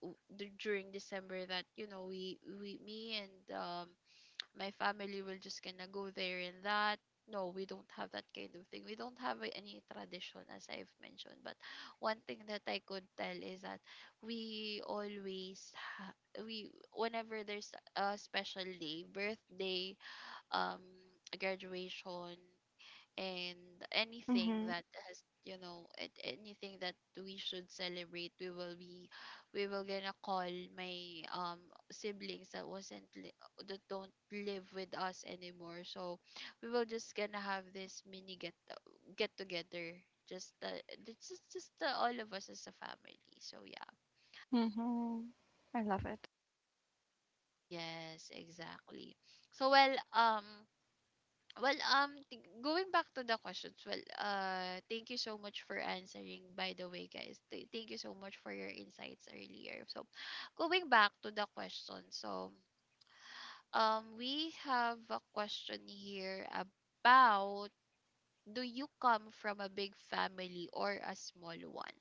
[SPEAKER 1] during December, that, you know, we me and my family will just gonna go there and that, no, we don't have that kind of thing, we don't have any tradition, as I've mentioned. But one thing that I could tell is that we always ha- we whenever there's a special day, birthday, um graduation, and anything
[SPEAKER 2] Mhm.
[SPEAKER 1] that has, you know, anything that we should celebrate, we will be, we will gonna call my siblings that don't live with us anymore. So we will just gonna have this mini get together just the, it's just all of us as a family. So yeah,
[SPEAKER 2] Mhm. I love it.
[SPEAKER 1] yes, exactly. So well, well, going back to the questions, well, thank you so much for answering, by the way, guys. Thank you so much for your insights earlier. So, going back to the question, so, we have a question here about, do you come from a big family or a small one?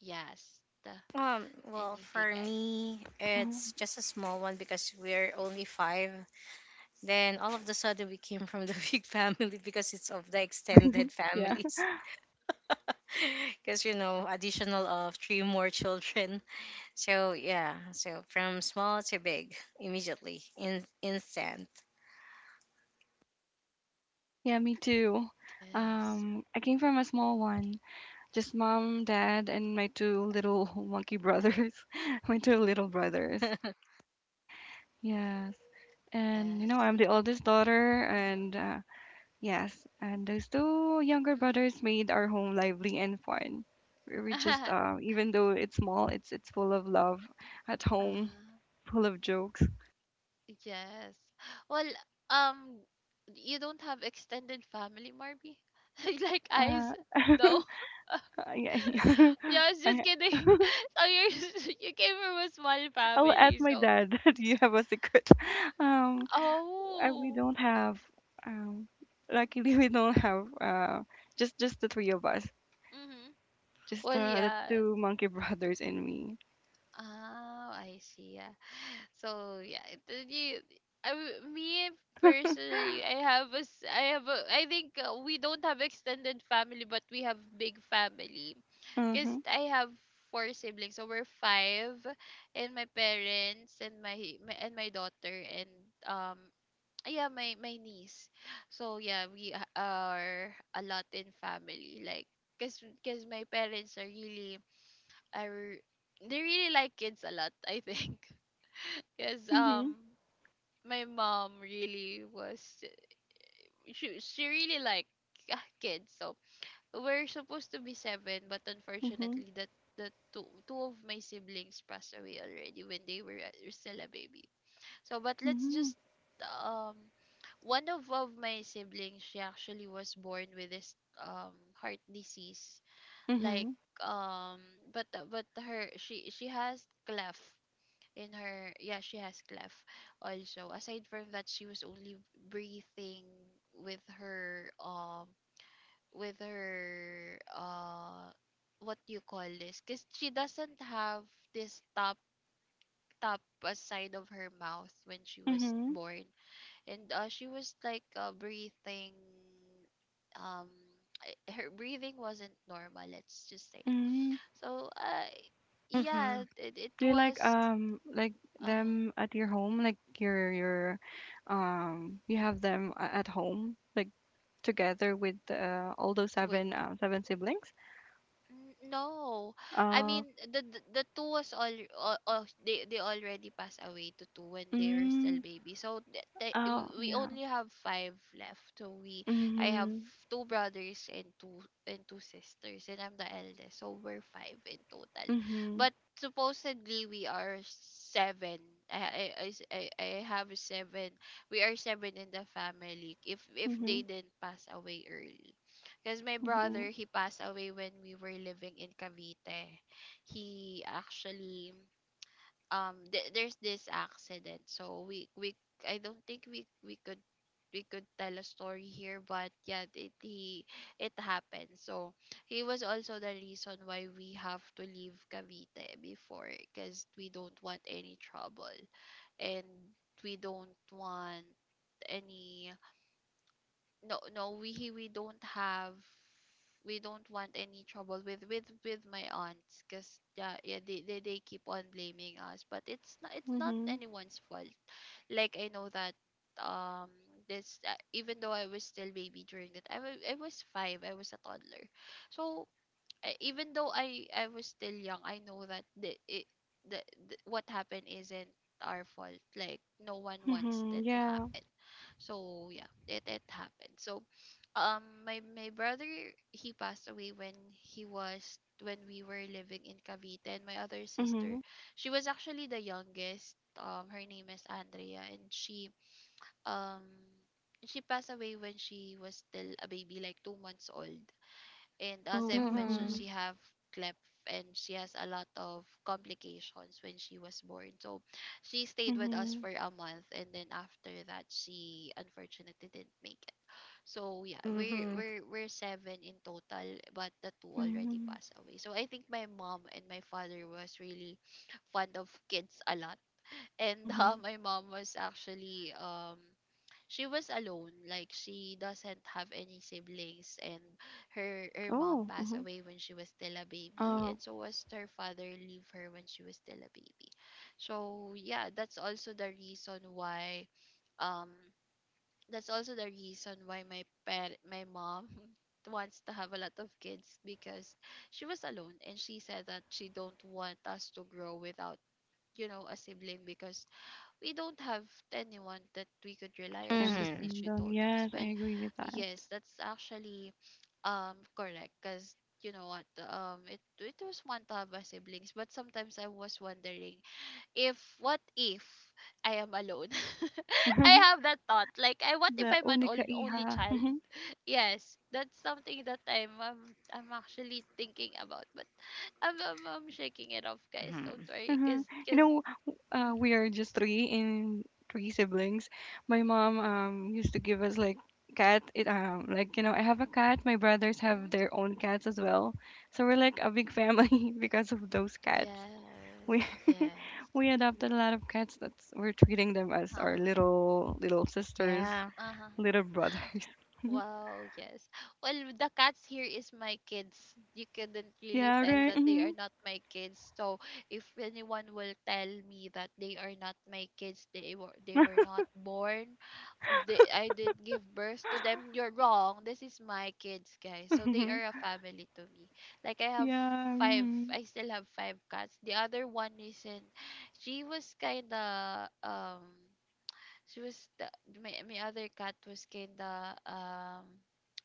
[SPEAKER 1] Yes. The,
[SPEAKER 3] Well,
[SPEAKER 1] anything,
[SPEAKER 3] for
[SPEAKER 1] guys?
[SPEAKER 3] me, it's
[SPEAKER 2] Uh-huh.
[SPEAKER 3] just a small one because we're only five. Then all of the sudden, we came from the big family, because it's of the extended
[SPEAKER 2] Yeah.
[SPEAKER 3] families. Because, additional of three more children. So, yeah. So from small to big, immediately, in instant.
[SPEAKER 2] Yeah, me too.
[SPEAKER 1] Yes.
[SPEAKER 2] I came from a small one, just mom, dad, and my two little monkey brothers, my two little brothers. Yes, and you know
[SPEAKER 1] Yes.
[SPEAKER 2] I'm the oldest daughter,
[SPEAKER 1] Mm-hmm.
[SPEAKER 2] and yes, and those two younger brothers made our home lively and fun. We were
[SPEAKER 1] Mm-hmm.
[SPEAKER 2] just, even though it's small, it's full of love at home,
[SPEAKER 1] uh-huh.
[SPEAKER 2] full of jokes.
[SPEAKER 1] Yes. Well, um, you don't have extended family, Marby? Like eyes?
[SPEAKER 2] Uh,
[SPEAKER 1] No.
[SPEAKER 2] yeah,
[SPEAKER 1] Yeah, I was just
[SPEAKER 2] I,
[SPEAKER 1] kidding. So you you came from a small
[SPEAKER 2] I'll ask
[SPEAKER 1] family,
[SPEAKER 2] my
[SPEAKER 1] so
[SPEAKER 2] dad. Do you have a secret? Um, I, we
[SPEAKER 1] oh.
[SPEAKER 2] don't have. Um, luckily, we don't have. Just the three of us.
[SPEAKER 1] Mm-hmm.
[SPEAKER 2] Just
[SPEAKER 1] Well,
[SPEAKER 2] the
[SPEAKER 1] yes.
[SPEAKER 2] two monkey brothers and me.
[SPEAKER 1] Oh, I see. So yeah, it, me personally, I have a, I have a, I think we don't have extended family, but we have big family, because
[SPEAKER 2] Mhm.
[SPEAKER 1] I have four siblings, so we're five, and my parents, and my daughter, and um yeah, my niece. So yeah, we are a lot in family, like, because my parents are really are they really like kids a lot, I think. Because
[SPEAKER 2] Mhm.
[SPEAKER 1] my mom really was, she really like, ah, kids. So we're supposed to be seven, but
[SPEAKER 2] Mhm.
[SPEAKER 1] unfortunately that the two of my siblings passed away already when they were still a baby. So but let's
[SPEAKER 2] Mhm.
[SPEAKER 1] just um one of my siblings, she actually was born with this heart disease, like,
[SPEAKER 2] Mhm.
[SPEAKER 1] um but but her she has cleft in her. Yeah, she has cleft. Also, aside from that, she was only breathing with her um with her what you call this, because she doesn't have this top side of her mouth when she was
[SPEAKER 2] Mhm.
[SPEAKER 1] born. And she was like breathing. um Her breathing wasn't normal, let's just say.
[SPEAKER 2] Mhm.
[SPEAKER 1] So yeah, it
[SPEAKER 2] Do you
[SPEAKER 1] was
[SPEAKER 2] like
[SPEAKER 1] uh
[SPEAKER 2] them at your home? Like your you have them at home like together with all those
[SPEAKER 1] with
[SPEAKER 2] seven seven siblings?
[SPEAKER 1] no. I
[SPEAKER 2] Uh.
[SPEAKER 1] mean, the two was all, they already passed away to two when they were still
[SPEAKER 2] Mm.
[SPEAKER 1] baby. So th- th- we
[SPEAKER 2] Oh,
[SPEAKER 1] we
[SPEAKER 2] yeah.
[SPEAKER 1] only have five left. So we I have
[SPEAKER 2] Mhm.
[SPEAKER 1] two brothers and two sisters, and I'm the eldest. So we're five in total.
[SPEAKER 2] Mhm.
[SPEAKER 1] But supposedly we are seven. I have seven. We are seven in the family, if they
[SPEAKER 2] Mhm.
[SPEAKER 1] didn't pass away early. Because my brother,
[SPEAKER 2] Mhm.
[SPEAKER 1] he passed away when we were living in Cavite. He actually there's this accident. So we I don't think we could tell a story here, but yeah, it happened. So he was also the reason why we have to leave Cavite before, because we don't want any trouble, and we don't want any. No no we we don't have we don't want any trouble with my aunts, because yeah, yeah, they, they keep on blaming us, but it's not
[SPEAKER 2] Mhm.
[SPEAKER 1] anyone's fault. Like, I know that, um this even though I was still baby during that, I was five, I was a toddler. So even though I was still young, I know that the, the what happened isn't our fault, like no one wants
[SPEAKER 2] Mhm.
[SPEAKER 1] that to
[SPEAKER 2] Yeah.
[SPEAKER 1] happen. So yeah, it happened. So my brother, he passed away when he was when we were living in Cavite. And my other sister,
[SPEAKER 2] Mhm.
[SPEAKER 1] she was actually the youngest. Her name is Andrea, and um she passed away when she was still a baby, like 2 months old. And as
[SPEAKER 2] Oh.
[SPEAKER 1] I've mentioned,
[SPEAKER 3] Mm-hmm.
[SPEAKER 1] she
[SPEAKER 2] Mhm.
[SPEAKER 1] have cleft, and she has a lot of complications when she was born. So she stayed with us
[SPEAKER 2] Mhm.
[SPEAKER 1] for a month, and then after that, she unfortunately didn't make it. So yeah,
[SPEAKER 3] Mm-hmm.
[SPEAKER 1] we're seven in total, but the two already
[SPEAKER 2] Mhm.
[SPEAKER 1] passed away. So I think my mom and my father was really fond of kids a lot. And
[SPEAKER 2] Mhm.
[SPEAKER 1] my mom was actually she was alone, like she doesn't have any siblings. And her mom
[SPEAKER 2] Oh.
[SPEAKER 1] passed
[SPEAKER 2] Mhm.
[SPEAKER 1] away when she was still a baby,
[SPEAKER 2] Oh,
[SPEAKER 1] and so was her father leave her when she was still a baby. So yeah, that's also the reason why, um my my mom wants to have a lot of kids, because she was alone, and she said that she don't want us to grow without, a sibling, because we don't have anyone that we could
[SPEAKER 2] you
[SPEAKER 1] rely on.
[SPEAKER 2] can
[SPEAKER 3] Mm-hmm.
[SPEAKER 1] She
[SPEAKER 2] depend on.
[SPEAKER 1] told us.
[SPEAKER 2] Yes, I
[SPEAKER 1] Well,
[SPEAKER 2] agree with that.
[SPEAKER 1] yes, that's actually, correct. Because, you know what, it was fun to have a siblings, but sometimes I was wondering, if what if I am alone? I have that thought, like, I what if
[SPEAKER 2] The
[SPEAKER 1] I'm an
[SPEAKER 2] única
[SPEAKER 1] only
[SPEAKER 2] hija.
[SPEAKER 1] child? Yes, that's something that I'm actually thinking about. But I'm shaking it off, guys, don't
[SPEAKER 3] Hmm.
[SPEAKER 1] worry,
[SPEAKER 2] Mhm.
[SPEAKER 1] because
[SPEAKER 2] You know, we are
[SPEAKER 1] mm-hmm,
[SPEAKER 2] just three in three siblings. My mom used to give us like cat. It like you know I have a cat. My brothers have their
[SPEAKER 1] mm-hmm.
[SPEAKER 2] own cats as well. So we're like a big family because of those cats. We
[SPEAKER 1] Yes, yes.
[SPEAKER 2] we adopted a lot of cats. That's we're treating them as
[SPEAKER 1] Uh-huh.
[SPEAKER 2] our little little sisters,
[SPEAKER 3] Yeah.
[SPEAKER 1] Uh-huh.
[SPEAKER 2] little brothers.
[SPEAKER 1] Wow, yes. Well, the cats here is my kids. You couldn't really
[SPEAKER 2] Yeah.
[SPEAKER 1] tell
[SPEAKER 2] Right.
[SPEAKER 1] that they are
[SPEAKER 2] Mm-hmm.
[SPEAKER 1] not my kids. So, if anyone will tell me that they are not my kids, they were not born, they I didn't give birth to them, you're wrong. This is my kids, guys. So, they are a family to me. Like, I have
[SPEAKER 2] Yeah.
[SPEAKER 1] five.
[SPEAKER 2] Mm-hmm.
[SPEAKER 1] I still have five cats. The other one isn't. She was kind of She was the my my other cat was kinda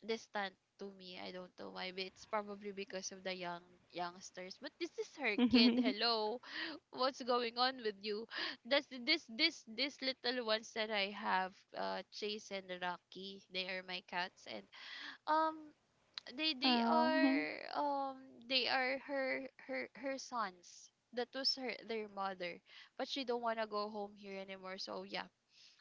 [SPEAKER 1] distant to me. I don't know why, but it's probably because of the youngsters. But this is her kid. Hello, what's going on with you? That's this little ones that I have, Chase and Rocky. They are my cats, and um, they they are
[SPEAKER 2] Oh.
[SPEAKER 1] um they are her sons. That was her their mother, but she don't wanna go home here anymore. So yeah,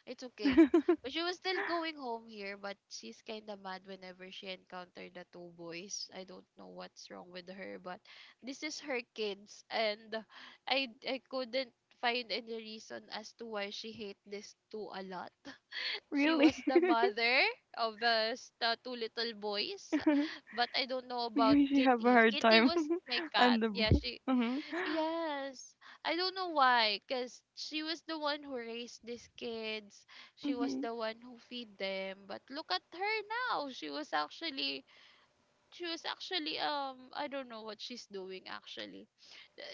[SPEAKER 1] it's okay. But she was still going home here, but she's kind of mad whenever she encountered the two boys. I don't know what's wrong with her, but this is her kids, and I couldn't find any reason as to why she hate these two a lot. She
[SPEAKER 2] Really?
[SPEAKER 1] was the mother of the two little boys, but I don't know about
[SPEAKER 2] Maybe she have a
[SPEAKER 1] Kitty.
[SPEAKER 2] hard
[SPEAKER 1] Kitty
[SPEAKER 2] time.
[SPEAKER 1] was my cat.
[SPEAKER 2] And
[SPEAKER 1] Yeah,
[SPEAKER 2] the
[SPEAKER 1] she
[SPEAKER 2] mhm,
[SPEAKER 1] yes. I don't know why, cuz she was the one who raised these kids. She was
[SPEAKER 2] mhm.
[SPEAKER 1] the one who feed them. But look at her now. She was actually, I don't know what she's doing actually.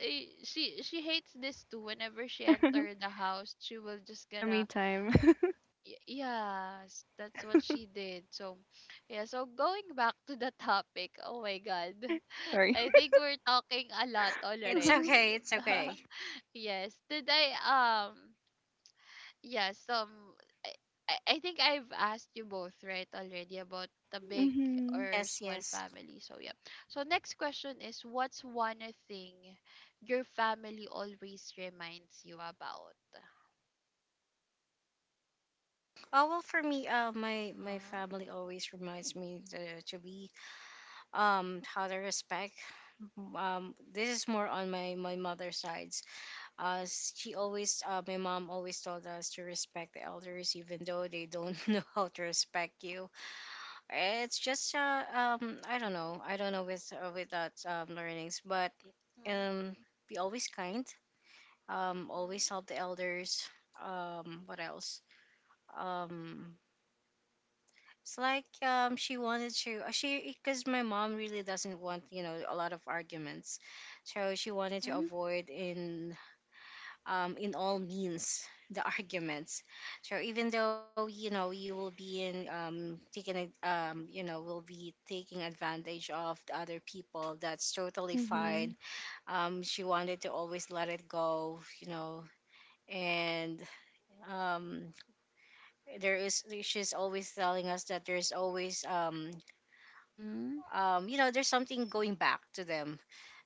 [SPEAKER 1] She hates this too whenever she entered the house.
[SPEAKER 2] Your
[SPEAKER 1] She
[SPEAKER 2] cat
[SPEAKER 1] will
[SPEAKER 2] is
[SPEAKER 1] just
[SPEAKER 2] getting a me
[SPEAKER 1] gonna
[SPEAKER 2] time.
[SPEAKER 1] y- Yes, that's what she did. So yeah, so going back to the topic. Oh my god.
[SPEAKER 2] Sorry.
[SPEAKER 1] I think we're talking a lot
[SPEAKER 3] It's okay.
[SPEAKER 1] already.
[SPEAKER 3] It's okay.
[SPEAKER 1] Yes. Did I um yes, I, I think I've asked you both right already about the big
[SPEAKER 2] Mhm,
[SPEAKER 1] or
[SPEAKER 3] Yes,
[SPEAKER 1] small
[SPEAKER 3] yes.
[SPEAKER 1] family. So yeah. So next question is, what's one thing your family always reminds you about?
[SPEAKER 3] Oh, well, for me, my
[SPEAKER 1] Uh-huh.
[SPEAKER 3] family always reminds me to be, how to respect. This is more on my mother's sides. Uh, my mom always told us to respect the elders, even though they don't know how to respect you. It's just I don't know. I don't know with that learnings. But
[SPEAKER 1] Mhm.
[SPEAKER 3] um, be always kind,
[SPEAKER 1] Mhm.
[SPEAKER 3] always help the elders. What else? um it's like, she wanted to she because my mom really doesn't want, a lot of arguments. So she wanted to
[SPEAKER 1] Mm-hmm.
[SPEAKER 3] avoid, in all means, the arguments. So even though, you will be in taking ad- you know will be taking advantage of the other people, that's totally fine.
[SPEAKER 2] mhm,
[SPEAKER 3] She wanted to always let it go. And um there is she's always telling us that there's always
[SPEAKER 1] Mm-hmm.
[SPEAKER 3] you know there's something going back to them.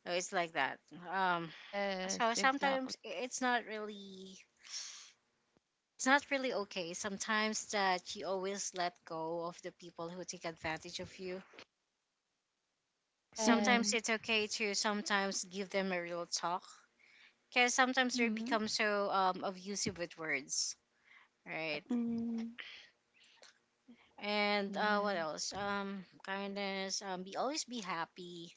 [SPEAKER 3] It's like that. um so
[SPEAKER 1] Yes, exactly.
[SPEAKER 3] sometimes, it's not really, it's not really okay sometimes that you always let go of the people who take advantage of you. Sometimes
[SPEAKER 2] mhm,
[SPEAKER 1] Yes.
[SPEAKER 3] it's okay to sometimes give them a real talk, because sometimes they
[SPEAKER 1] Mm-hmm.
[SPEAKER 3] become so abusive with words,
[SPEAKER 1] Correct.
[SPEAKER 3] right?
[SPEAKER 2] mhm.
[SPEAKER 3] And what
[SPEAKER 1] Yes.
[SPEAKER 3] else? Kindness. Be always be happy.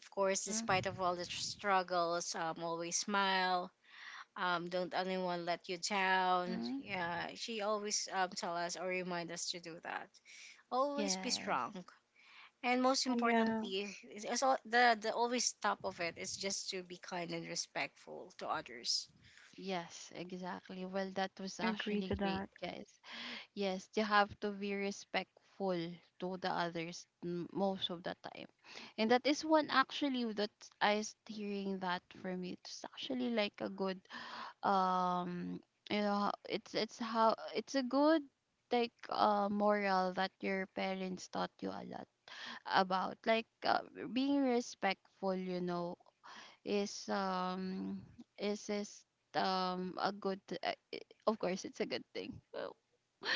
[SPEAKER 3] Of course,
[SPEAKER 1] Mm-hmm.
[SPEAKER 3] despite of all the struggles, always smile. Don't anyone let you down.
[SPEAKER 1] Mm-hmm.
[SPEAKER 3] Yeah, she always, tell us or remind us to do that. Always be strong.
[SPEAKER 1] Yes.
[SPEAKER 3] And most
[SPEAKER 2] Yeah,
[SPEAKER 3] importantly, is all, the always top of it is just to be kind and respectful to others.
[SPEAKER 1] Yes, exactly. Well, that was
[SPEAKER 2] agree
[SPEAKER 1] actually
[SPEAKER 2] to
[SPEAKER 1] great,
[SPEAKER 2] that.
[SPEAKER 1] guys. Yes, you have to be respectful to the others, most of the time. And that is one actually that I was hearing that from you. It's actually like a good, um you know, it's how it's a good, like, moral that your parents taught you a lot about, like, being respectful, you know, is um is, a good, of course, it's a good thing.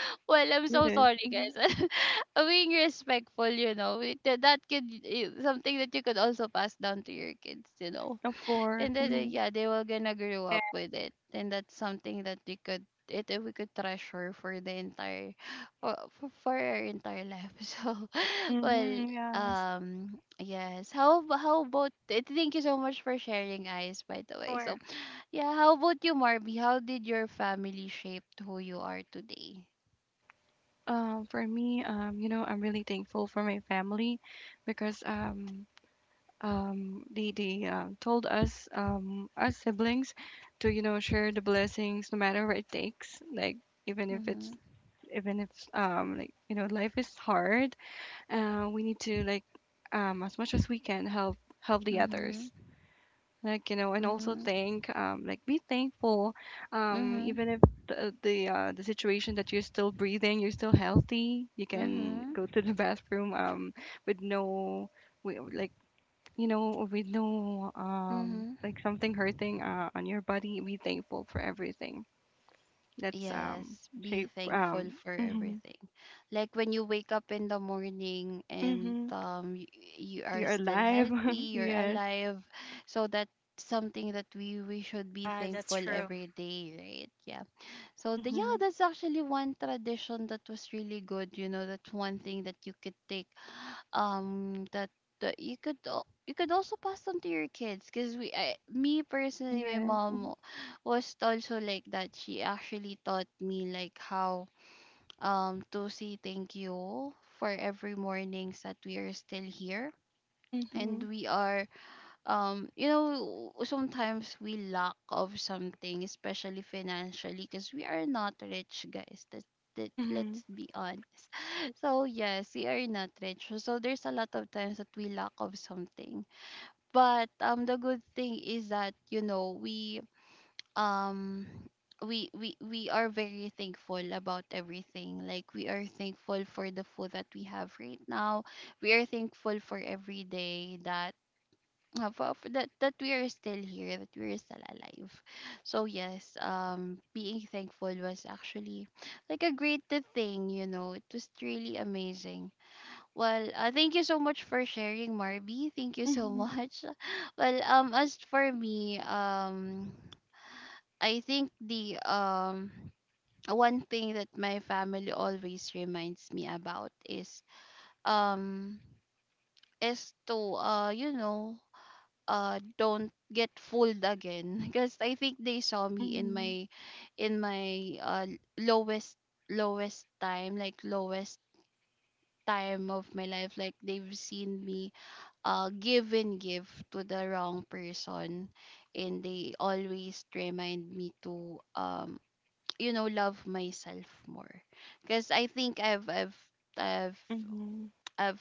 [SPEAKER 1] well, I'm
[SPEAKER 2] It
[SPEAKER 1] so
[SPEAKER 2] is.
[SPEAKER 1] sorry,
[SPEAKER 2] Mhm.
[SPEAKER 1] guys. Being respectful, you know, that could, something that you could also pass down to your kids, you know.
[SPEAKER 2] Of course.
[SPEAKER 1] And then
[SPEAKER 2] Mhm,
[SPEAKER 1] yeah, they were gonna grow up
[SPEAKER 3] Yeah,
[SPEAKER 1] with it, and that's something that we could treasure for the entire for our entire life. So, well,
[SPEAKER 2] mhm. Yes.
[SPEAKER 1] yes, how how about, thank you so much for sharing, eyes, by the way. So
[SPEAKER 3] sure.
[SPEAKER 1] yeah, how about you, Marby, how did your family shape who you are today?
[SPEAKER 2] For me, you know, I'm really thankful for my family because they told us our siblings to you know share the blessings no matter what it takes. Like even if it's
[SPEAKER 1] Mm-hmm,
[SPEAKER 2] even if like you know life is hard we need to like as much as we can help help the others
[SPEAKER 1] mm-hmm,
[SPEAKER 2] like you know and also think like be thankful
[SPEAKER 1] mm-hmm,
[SPEAKER 2] even if the situation that you're still breathing you're still healthy you can
[SPEAKER 1] mm-hmm,
[SPEAKER 2] go to the bathroom with no like you know with no
[SPEAKER 1] mm-hmm.
[SPEAKER 2] like something hurting on your body be thankful for everything that's
[SPEAKER 1] Yes, be
[SPEAKER 2] shape
[SPEAKER 1] thankful for
[SPEAKER 2] hmm.
[SPEAKER 1] everything. Like when you wake up in the morning and
[SPEAKER 2] Hmm.
[SPEAKER 1] you are
[SPEAKER 2] You are
[SPEAKER 1] still
[SPEAKER 2] alive,
[SPEAKER 1] healthy, you're
[SPEAKER 2] yes.
[SPEAKER 1] alive. So that's something that we should be
[SPEAKER 3] That's
[SPEAKER 1] thankful
[SPEAKER 3] true.
[SPEAKER 1] every day, right? Yeah. So the yeah,
[SPEAKER 2] Mm-hmm.
[SPEAKER 1] that's actually one tradition that was really good, you know, that's one thing that you could take, that you could you could also pass on to your kids. Because, me personally, my
[SPEAKER 2] Yes.
[SPEAKER 1] mom was also like that. She actually taught me, like, how, to say thank you for every mornings that we are still here, and
[SPEAKER 2] Mm-hmm.
[SPEAKER 1] we are you know, sometimes we lack of something, especially financially, because we are not rich, guys, that,
[SPEAKER 2] Mm-hmm.
[SPEAKER 1] let's be honest. So yes, we are not rich, so there's a lot of times that we lack of something. But, the good thing is that, you know, um we are very thankful about everything. Like, we are thankful for the food that we have right now. We are thankful for every day, that, for, that, we are still here, that we are still alive. So yes, being thankful was actually like a great thing. You know, it was really amazing. Well, thank you so much for sharing, Marby. Thank you so
[SPEAKER 2] Mm-hmm.
[SPEAKER 1] much. Well, as for me, I think, the one thing that my family always reminds me about is, um to don't get fooled again. Because I think they saw me in
[SPEAKER 2] Mm-hmm.
[SPEAKER 1] my, in my uh lowest lowest time, like lowest time of my life, like they've seen me give and give to the wrong person. And they always remind me to, love myself more. Because I think I've
[SPEAKER 2] Mm-hmm.
[SPEAKER 1] I've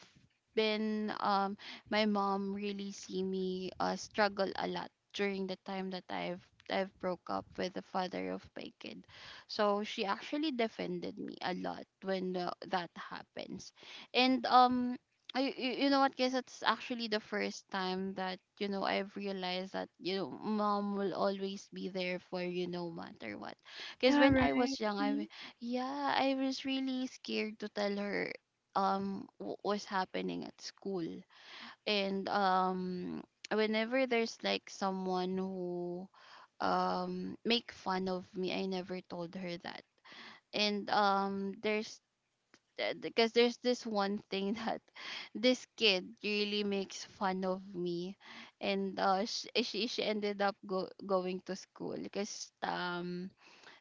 [SPEAKER 1] been, my mom really see me, struggle a lot during the time that I've broke up with the father of my kid. So she actually defended me a lot when that happens. And I, you know what guys it's actually the first time that I've realized that mom will always be there for you no matter what because
[SPEAKER 2] Yeah,
[SPEAKER 1] when I
[SPEAKER 2] right.
[SPEAKER 1] was young I was really scared to tell her was happening at school and whenever there's like someone who make fun of me. I never told her that. and um there's because there's this one thing that this kid really makes fun of me, and she ended up going to school because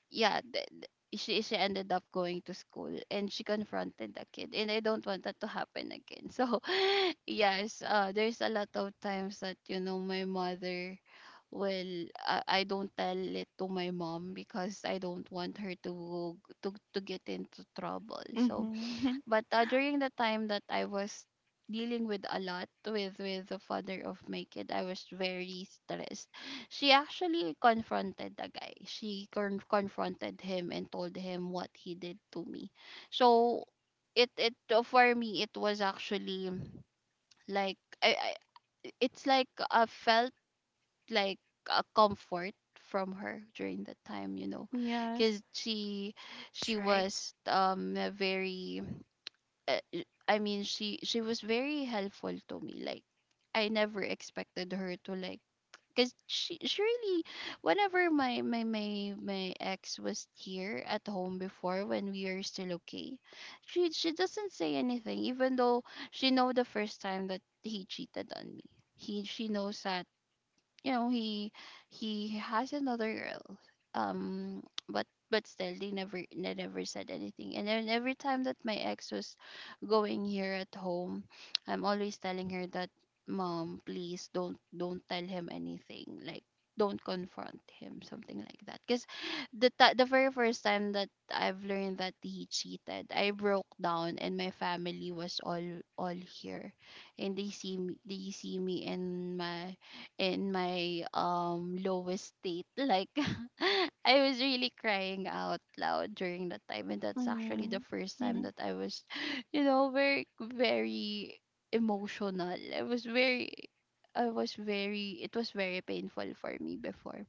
[SPEAKER 1] yeah, th- th- she ended up going to school and she confronted the kid, and I don't want that to happen again. So, yes, there's a lot of times that my mother will, I don't tell it to my mom because I don't want her to to get into trouble. So
[SPEAKER 2] Mm-hmm.
[SPEAKER 1] but during the time that I was dealing with a lot with the father of my kid, I was very stressed. She actually confronted the guy. She confronted him and told him what he did to me. So it for me it was actually like I it's like I felt like a comfort from her during that time,
[SPEAKER 2] yes.
[SPEAKER 1] because she
[SPEAKER 3] That's right.
[SPEAKER 1] was very, I mean she was very helpful to me. Like I never expected her to, like, cuz she really, whenever my ex was here at home before when we are still okay, she doesn't say anything, even though she know the first time that he cheated on me. He She knows that you know he he has another girl. um but still, they never, they never said anything. And then every time that my ex was going here at home, I'm always telling her that, "Mom, please don't, tell him anything, like don't confront him," something like that. Because the very first time that I've learned that he cheated, I broke down and my family was all here, and they see me in my lowest state. Like, I was really crying out loud during that time, and that's actually the
[SPEAKER 2] Mm-hmm.
[SPEAKER 1] first time
[SPEAKER 2] Mm-hmm.
[SPEAKER 1] that I was very very emotional. I was very, I was very, it was very painful for me before.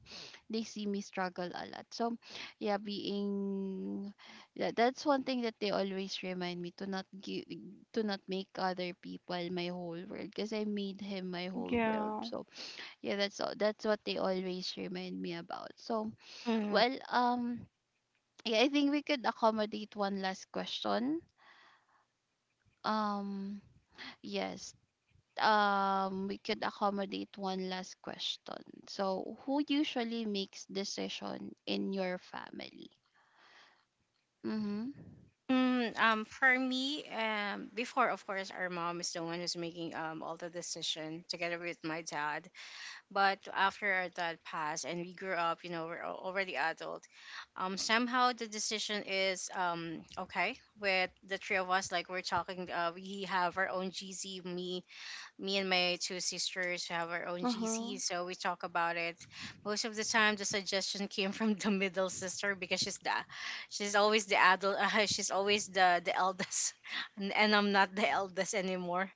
[SPEAKER 1] They see me struggle a lot. So yeah, being that's one thing that they always remind me, to not give, to not make other people my whole world, because I made him my whole world.
[SPEAKER 2] Yeah.
[SPEAKER 1] So yeah, that's all, that's what they always remind me about. So,
[SPEAKER 3] Mm.
[SPEAKER 1] well, yeah, I think we could accommodate one last question. Um, yes, we could accommodate one last question. So, who usually makes decision in your family? Mm-hmm.
[SPEAKER 3] Mm, for me, before, of course, our mom is the one who's making, all the decision, together with my dad. But after our dad passed and we grew up, we're already adult. Somehow the decision is, okay with the three of us. Like, we're talking, we have our own GC. Me, and my two sisters have our own GC,
[SPEAKER 2] Uh-huh.
[SPEAKER 3] so we talk about it. Most of the time, the suggestion came from the middle sister because she's always the adult. She's always the eldest, and I'm not the eldest anymore.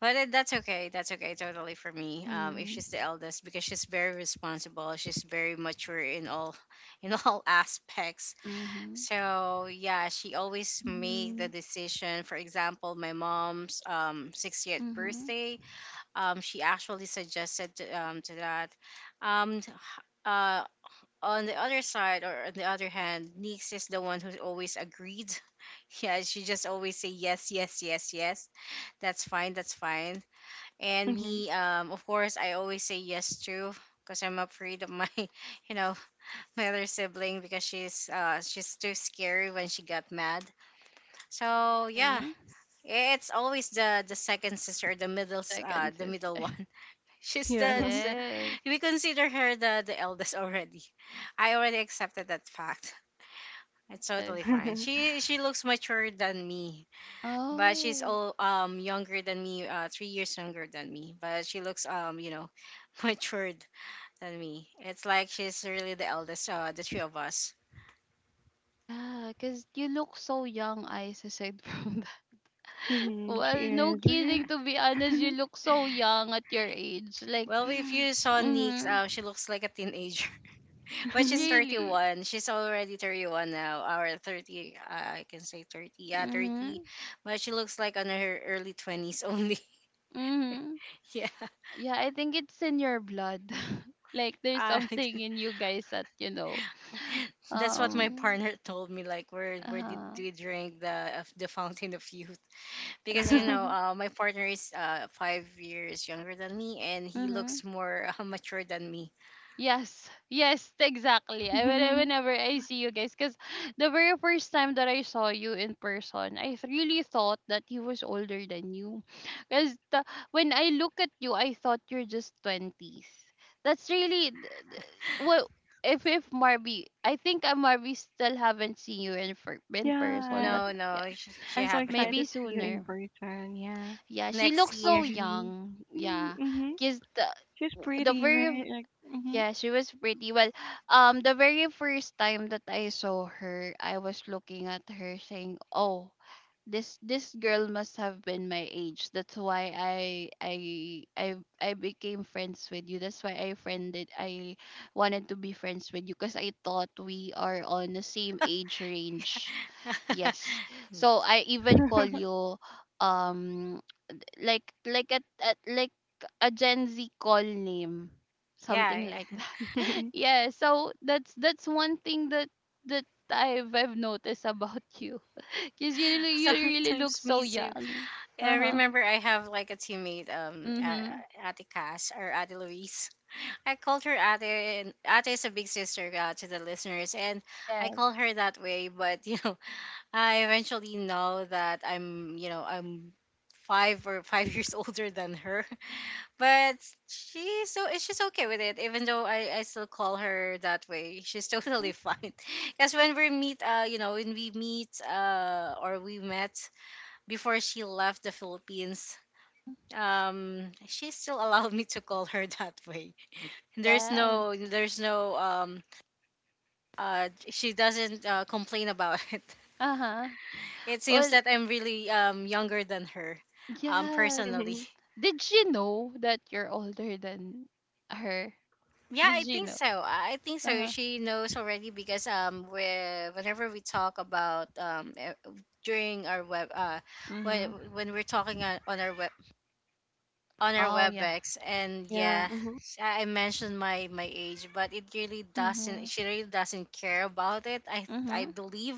[SPEAKER 3] But that's okay. That's okay totally for me. If she's
[SPEAKER 1] Mm-hmm.
[SPEAKER 3] the eldest, because she's very responsible, she's very mature in all in all aspects.
[SPEAKER 1] Mm-hmm.
[SPEAKER 3] So yeah, she always make the
[SPEAKER 2] Mm-hmm.
[SPEAKER 3] decision. For example, my mom's 60th
[SPEAKER 1] Mm-hmm.
[SPEAKER 3] birthday, she actually suggested to that. Um, t- uh, on the other side, or on the other hand, niece is the one who's always agreed. Yeah, she just always say yes, yes, yes, yes. That's fine. That's fine. And
[SPEAKER 2] Mm-hmm.
[SPEAKER 3] me, of course, I always say yes to, because I'm afraid of my, you know, my other sibling, because she's too scary when she got mad. So yeah,
[SPEAKER 1] Mm-hmm.
[SPEAKER 3] it's always the second sister, the middle s- uh
[SPEAKER 1] Second
[SPEAKER 3] the middle
[SPEAKER 1] sister.
[SPEAKER 3] one. She's
[SPEAKER 2] Yeah.
[SPEAKER 3] the
[SPEAKER 1] Yes.
[SPEAKER 3] we consider her the eldest already. I already accepted that fact. It's
[SPEAKER 1] Yes.
[SPEAKER 3] totally fine. She looks mature than me, but she's
[SPEAKER 1] Oh,
[SPEAKER 3] all younger than me, 3 years younger than me. But she looks, matured than me. It's like she's really the eldest, the three of us.
[SPEAKER 1] yeah, because you look so young, I aside from.
[SPEAKER 2] Mm-hmm. She
[SPEAKER 1] Well, no
[SPEAKER 2] is, right?
[SPEAKER 1] kidding. To be honest, you look so young at your age. Like,
[SPEAKER 3] Well, if you saw Nix,
[SPEAKER 1] mm-hmm.
[SPEAKER 3] she looks like a teenager, but she's
[SPEAKER 1] Really.
[SPEAKER 3] 31. She's already 31 now, or 30. I can say 30. Yeah, 30.
[SPEAKER 1] Mm-hmm.
[SPEAKER 3] But she looks like on her early 20s only.
[SPEAKER 1] Mm-hmm.
[SPEAKER 3] Yeah,
[SPEAKER 1] Yeah, I think it's in your blood. Like, there's
[SPEAKER 3] uh,
[SPEAKER 1] something in you guys that you know.
[SPEAKER 3] that's what my
[SPEAKER 1] Um.
[SPEAKER 3] partner told me. Like, where did
[SPEAKER 1] Uh.
[SPEAKER 3] we drink the of the fountain of youth? Because,
[SPEAKER 1] Yeah.
[SPEAKER 3] my partner is, 5 years younger than me, and he
[SPEAKER 1] Mm-hmm.
[SPEAKER 3] looks more mature than me.
[SPEAKER 1] Yes, yes, exactly. Whenever I see you guys, because the very first time that I saw you in person, really thought that he was older than you. Because when I look at you, I thought you're just twenties. That's really th- th- well. If Marby, I think I Marby still haven't seen you in person,
[SPEAKER 2] Yes.
[SPEAKER 1] but
[SPEAKER 3] No,
[SPEAKER 1] yeah,
[SPEAKER 3] no, she
[SPEAKER 2] I'm so
[SPEAKER 3] haven't.
[SPEAKER 1] maybe
[SPEAKER 2] excited to see you in
[SPEAKER 1] sooner.
[SPEAKER 2] person. Yeah.
[SPEAKER 1] Yeah, she
[SPEAKER 3] Next
[SPEAKER 1] looks
[SPEAKER 2] I'll
[SPEAKER 1] so
[SPEAKER 3] year.
[SPEAKER 2] be.
[SPEAKER 1] young. Yeah,
[SPEAKER 2] Mm-hmm.
[SPEAKER 1] because the
[SPEAKER 2] She's
[SPEAKER 1] the
[SPEAKER 2] pretty,
[SPEAKER 1] very,
[SPEAKER 2] right? Like, mm-hmm.
[SPEAKER 1] yeah, she was pretty. Well, the very first time that I saw her, I was looking at her saying, "Oh, this girl must have been my age. That's why I became friends with you. That's why I friended. I wanted to be friends with you because I thought we are on the same age range. Yes. So I even call you um like a like a Gen Z call name, something
[SPEAKER 3] Yeah,
[SPEAKER 1] like
[SPEAKER 3] yeah.
[SPEAKER 1] that. Yeah, so that's one thing that that I've noticed about you, cause you really look
[SPEAKER 3] Sometimes
[SPEAKER 1] so
[SPEAKER 3] me too.
[SPEAKER 1] young.
[SPEAKER 3] I
[SPEAKER 1] Uh huh.
[SPEAKER 3] remember, I have like a teammate,
[SPEAKER 1] Mhm.
[SPEAKER 3] ate Cass or ate Louise. I called her ate, and ate is a big sister, to the listeners, and I
[SPEAKER 1] Yeah.
[SPEAKER 3] call her that way, but I eventually know that I'm, five years older than her, but she's okay with it. Even though I still call her that way, she's totally fine. Because when we meet, when we meet, or we met before she left the Philippines,
[SPEAKER 1] Mhm.
[SPEAKER 3] she still allowed me to call her that way.
[SPEAKER 1] Yes.
[SPEAKER 3] There's no, she doesn't, complain about it.
[SPEAKER 1] Uh huh.
[SPEAKER 3] It seems
[SPEAKER 1] Well,
[SPEAKER 3] that I'm really younger than her,
[SPEAKER 1] yes.
[SPEAKER 3] personally.
[SPEAKER 2] Mhm.
[SPEAKER 1] Did she know that you're older than her?
[SPEAKER 3] Yeah,
[SPEAKER 1] Did
[SPEAKER 3] I
[SPEAKER 1] she
[SPEAKER 3] think
[SPEAKER 1] know?
[SPEAKER 3] so. I think
[SPEAKER 1] Uh
[SPEAKER 3] so.
[SPEAKER 1] huh.
[SPEAKER 3] She knows already because we whenever we talk about, during our web when
[SPEAKER 1] Mhm.
[SPEAKER 3] when we're talking on our web on our
[SPEAKER 1] Oh yeah.
[SPEAKER 3] webex, and
[SPEAKER 2] Yeah.
[SPEAKER 3] yeah.
[SPEAKER 2] Mhm.
[SPEAKER 3] I mentioned my age, but it really doesn't
[SPEAKER 1] Mhm.
[SPEAKER 3] she really doesn't care about it, I
[SPEAKER 1] Mhm.
[SPEAKER 3] believe.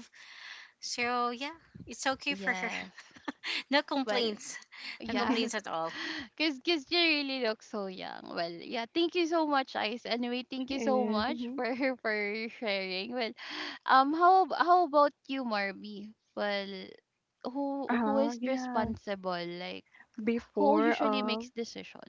[SPEAKER 3] So yeah, it's okay for her.
[SPEAKER 1] Yes.
[SPEAKER 3] No
[SPEAKER 1] Well,
[SPEAKER 3] complaints. No complaints
[SPEAKER 1] yes.
[SPEAKER 3] at all.
[SPEAKER 1] Cause, you really look so young. Well, yeah. Thank you so much, Ice. Anyway, thank
[SPEAKER 2] She
[SPEAKER 1] you so
[SPEAKER 2] is.
[SPEAKER 1] much
[SPEAKER 2] Mhm.
[SPEAKER 1] for for sharing. Well, how about you, Marby? Well, who
[SPEAKER 2] Uh-huh.
[SPEAKER 1] is
[SPEAKER 2] Yeah.
[SPEAKER 1] responsible? Like, who
[SPEAKER 2] Before
[SPEAKER 1] usually
[SPEAKER 2] uh
[SPEAKER 1] makes decision?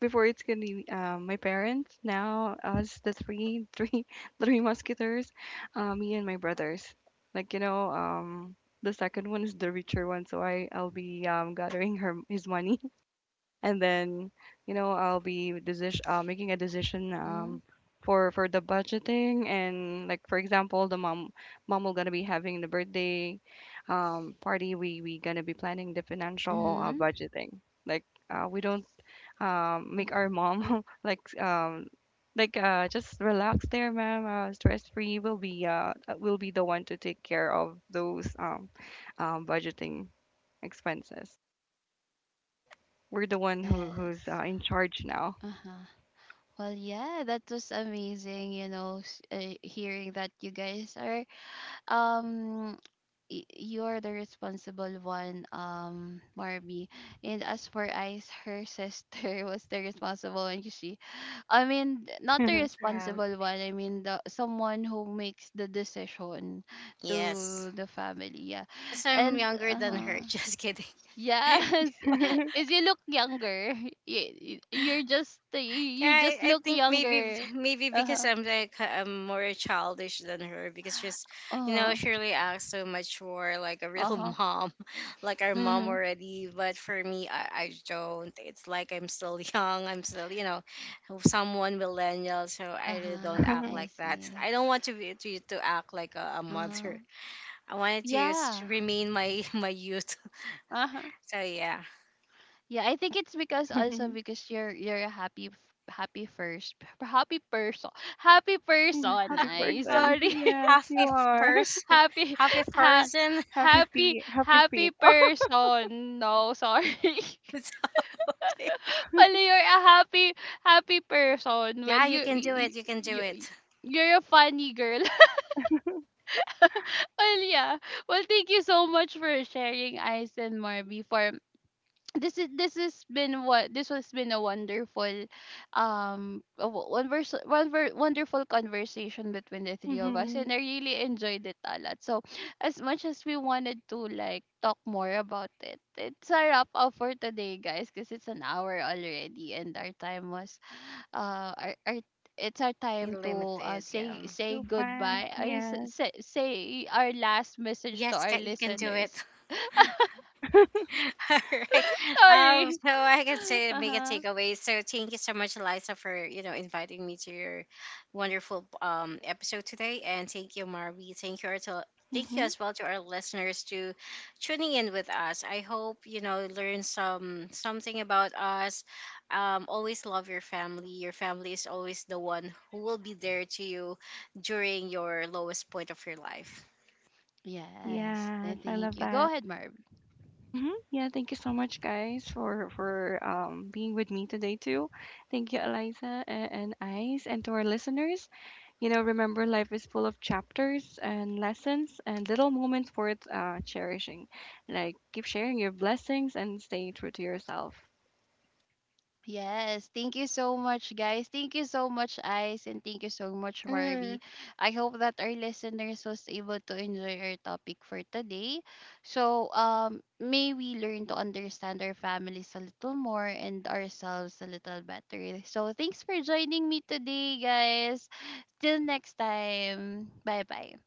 [SPEAKER 2] Before it's gonna be my parents now us the three three musketeers, me and my brothers. Like you know the second one is the richer one, so I I'll be gathering her his money. And then you know I'll be decision making a decision
[SPEAKER 1] Mhm.
[SPEAKER 2] for the budgeting and like for example the mom mom will gonna be having the birthday party we gonna be planning the financial
[SPEAKER 1] Mhm.
[SPEAKER 2] budgeting like we don't
[SPEAKER 1] Mhm.
[SPEAKER 2] make our mom like just relax there ma'am stress free will be the one to take care of those budgeting expenses we're the one who who's
[SPEAKER 1] Yes.
[SPEAKER 2] in charge now.
[SPEAKER 1] Uh-huh. Well, yeah, that was amazing, you know, hearing that you guys are um you're the responsible one, Marby. And as for Ice, her sister was the responsible one. You see, not the
[SPEAKER 3] Yeah.
[SPEAKER 1] responsible one. I mean, the someone who makes the decision
[SPEAKER 3] Yes.
[SPEAKER 1] to the family. Yeah,
[SPEAKER 3] Because I'm
[SPEAKER 1] and
[SPEAKER 3] younger than her. Just kidding.
[SPEAKER 1] yes,
[SPEAKER 2] Happy
[SPEAKER 1] is you look younger. You're just
[SPEAKER 3] Yeah,
[SPEAKER 1] you
[SPEAKER 3] I,
[SPEAKER 1] just
[SPEAKER 3] I
[SPEAKER 1] look
[SPEAKER 3] think maybe
[SPEAKER 1] younger.
[SPEAKER 3] maybe
[SPEAKER 1] Uh
[SPEAKER 3] because
[SPEAKER 1] huh.
[SPEAKER 3] I'm like I'm more childish than her, because she's,
[SPEAKER 1] Uh
[SPEAKER 3] you know,
[SPEAKER 1] huh.
[SPEAKER 3] she really acts so mature, like a
[SPEAKER 1] Uh
[SPEAKER 3] real
[SPEAKER 1] huh.
[SPEAKER 3] mom, like our mom
[SPEAKER 1] Mhm.
[SPEAKER 3] already. But for me, I don't. It's like I'm still young. I'm still, someone millennial. So
[SPEAKER 1] Uh
[SPEAKER 3] I really don't
[SPEAKER 1] huh.
[SPEAKER 3] act
[SPEAKER 1] I
[SPEAKER 3] like that.
[SPEAKER 1] see.
[SPEAKER 3] I don't want to act like a
[SPEAKER 1] Uh huh.
[SPEAKER 3] mother. I wanted to
[SPEAKER 1] Yeah.
[SPEAKER 3] remain my my youth.
[SPEAKER 1] Uh-huh.
[SPEAKER 3] So yeah.
[SPEAKER 1] Yeah, I think it's because also because you're a happy first p- happy person happy person, I
[SPEAKER 2] person.
[SPEAKER 1] sorry,
[SPEAKER 2] Yes,
[SPEAKER 3] Half
[SPEAKER 2] you
[SPEAKER 3] a
[SPEAKER 2] are.
[SPEAKER 3] person,
[SPEAKER 1] happy
[SPEAKER 3] half a
[SPEAKER 1] ha-
[SPEAKER 3] person.
[SPEAKER 2] Happy feet. Happy
[SPEAKER 1] happy
[SPEAKER 2] feet.
[SPEAKER 1] person, no sorry.
[SPEAKER 3] It's okay.
[SPEAKER 1] Well, you're a happy person. Well,
[SPEAKER 3] Yeah, you can do it. You can do
[SPEAKER 1] you,
[SPEAKER 3] it.
[SPEAKER 1] you're a funny girl. Well, yeah, well, thank you so much for sharing, Ice and Marby, for this has been what, this has been a wonderful a wo- wonvers- wonver- wonderful conversation between the three of us,
[SPEAKER 2] Hmm.
[SPEAKER 1] and I really enjoyed it a lot. So as much as we wanted to like talk more about it, it's a wrap up for today, guys, because it's an hour already, and our time was our, it's our time to,
[SPEAKER 3] Unlimited.
[SPEAKER 1] say,
[SPEAKER 3] Yeah.
[SPEAKER 2] Too fast.
[SPEAKER 1] goodbye.
[SPEAKER 2] Yes.
[SPEAKER 1] Say, our last message to
[SPEAKER 3] Yes,
[SPEAKER 1] our
[SPEAKER 3] you can do it.
[SPEAKER 1] listeners.
[SPEAKER 3] All right.
[SPEAKER 1] Sorry.
[SPEAKER 3] So I can say make a
[SPEAKER 1] Uh-huh.
[SPEAKER 3] takeaway. So thank you so much, Eliza, for, inviting me to your wonderful episode today, and thank you, Marvi. Thank you
[SPEAKER 2] Hmm.
[SPEAKER 3] as well to our listeners, to tuning in with us. I hope, learn something about us. Always love your family. Your family is always the one who will be there to you during your lowest point of your life.
[SPEAKER 1] Yes,
[SPEAKER 2] Yes, I love
[SPEAKER 1] thank you. Go
[SPEAKER 2] that.
[SPEAKER 1] ahead, Marv.
[SPEAKER 2] Hmm. Yeah, thank you so much, guys, for being with me today too. Thank you, Eliza and Ice, and to our listeners. You know, remember life is full of chapters and lessons and little moments worth cherishing. Like, keep sharing your blessings and stay true to yourself.
[SPEAKER 1] Yes, thank you so much, guys. Thank you so much, Ice, and thank you so much, Marby.
[SPEAKER 3] Mhm.
[SPEAKER 1] I hope that our listeners was able to enjoy our topic for today. So, may we learn to understand our families a little more and ourselves a little better. So, thanks for joining me today, guys. Till next time. Bye bye.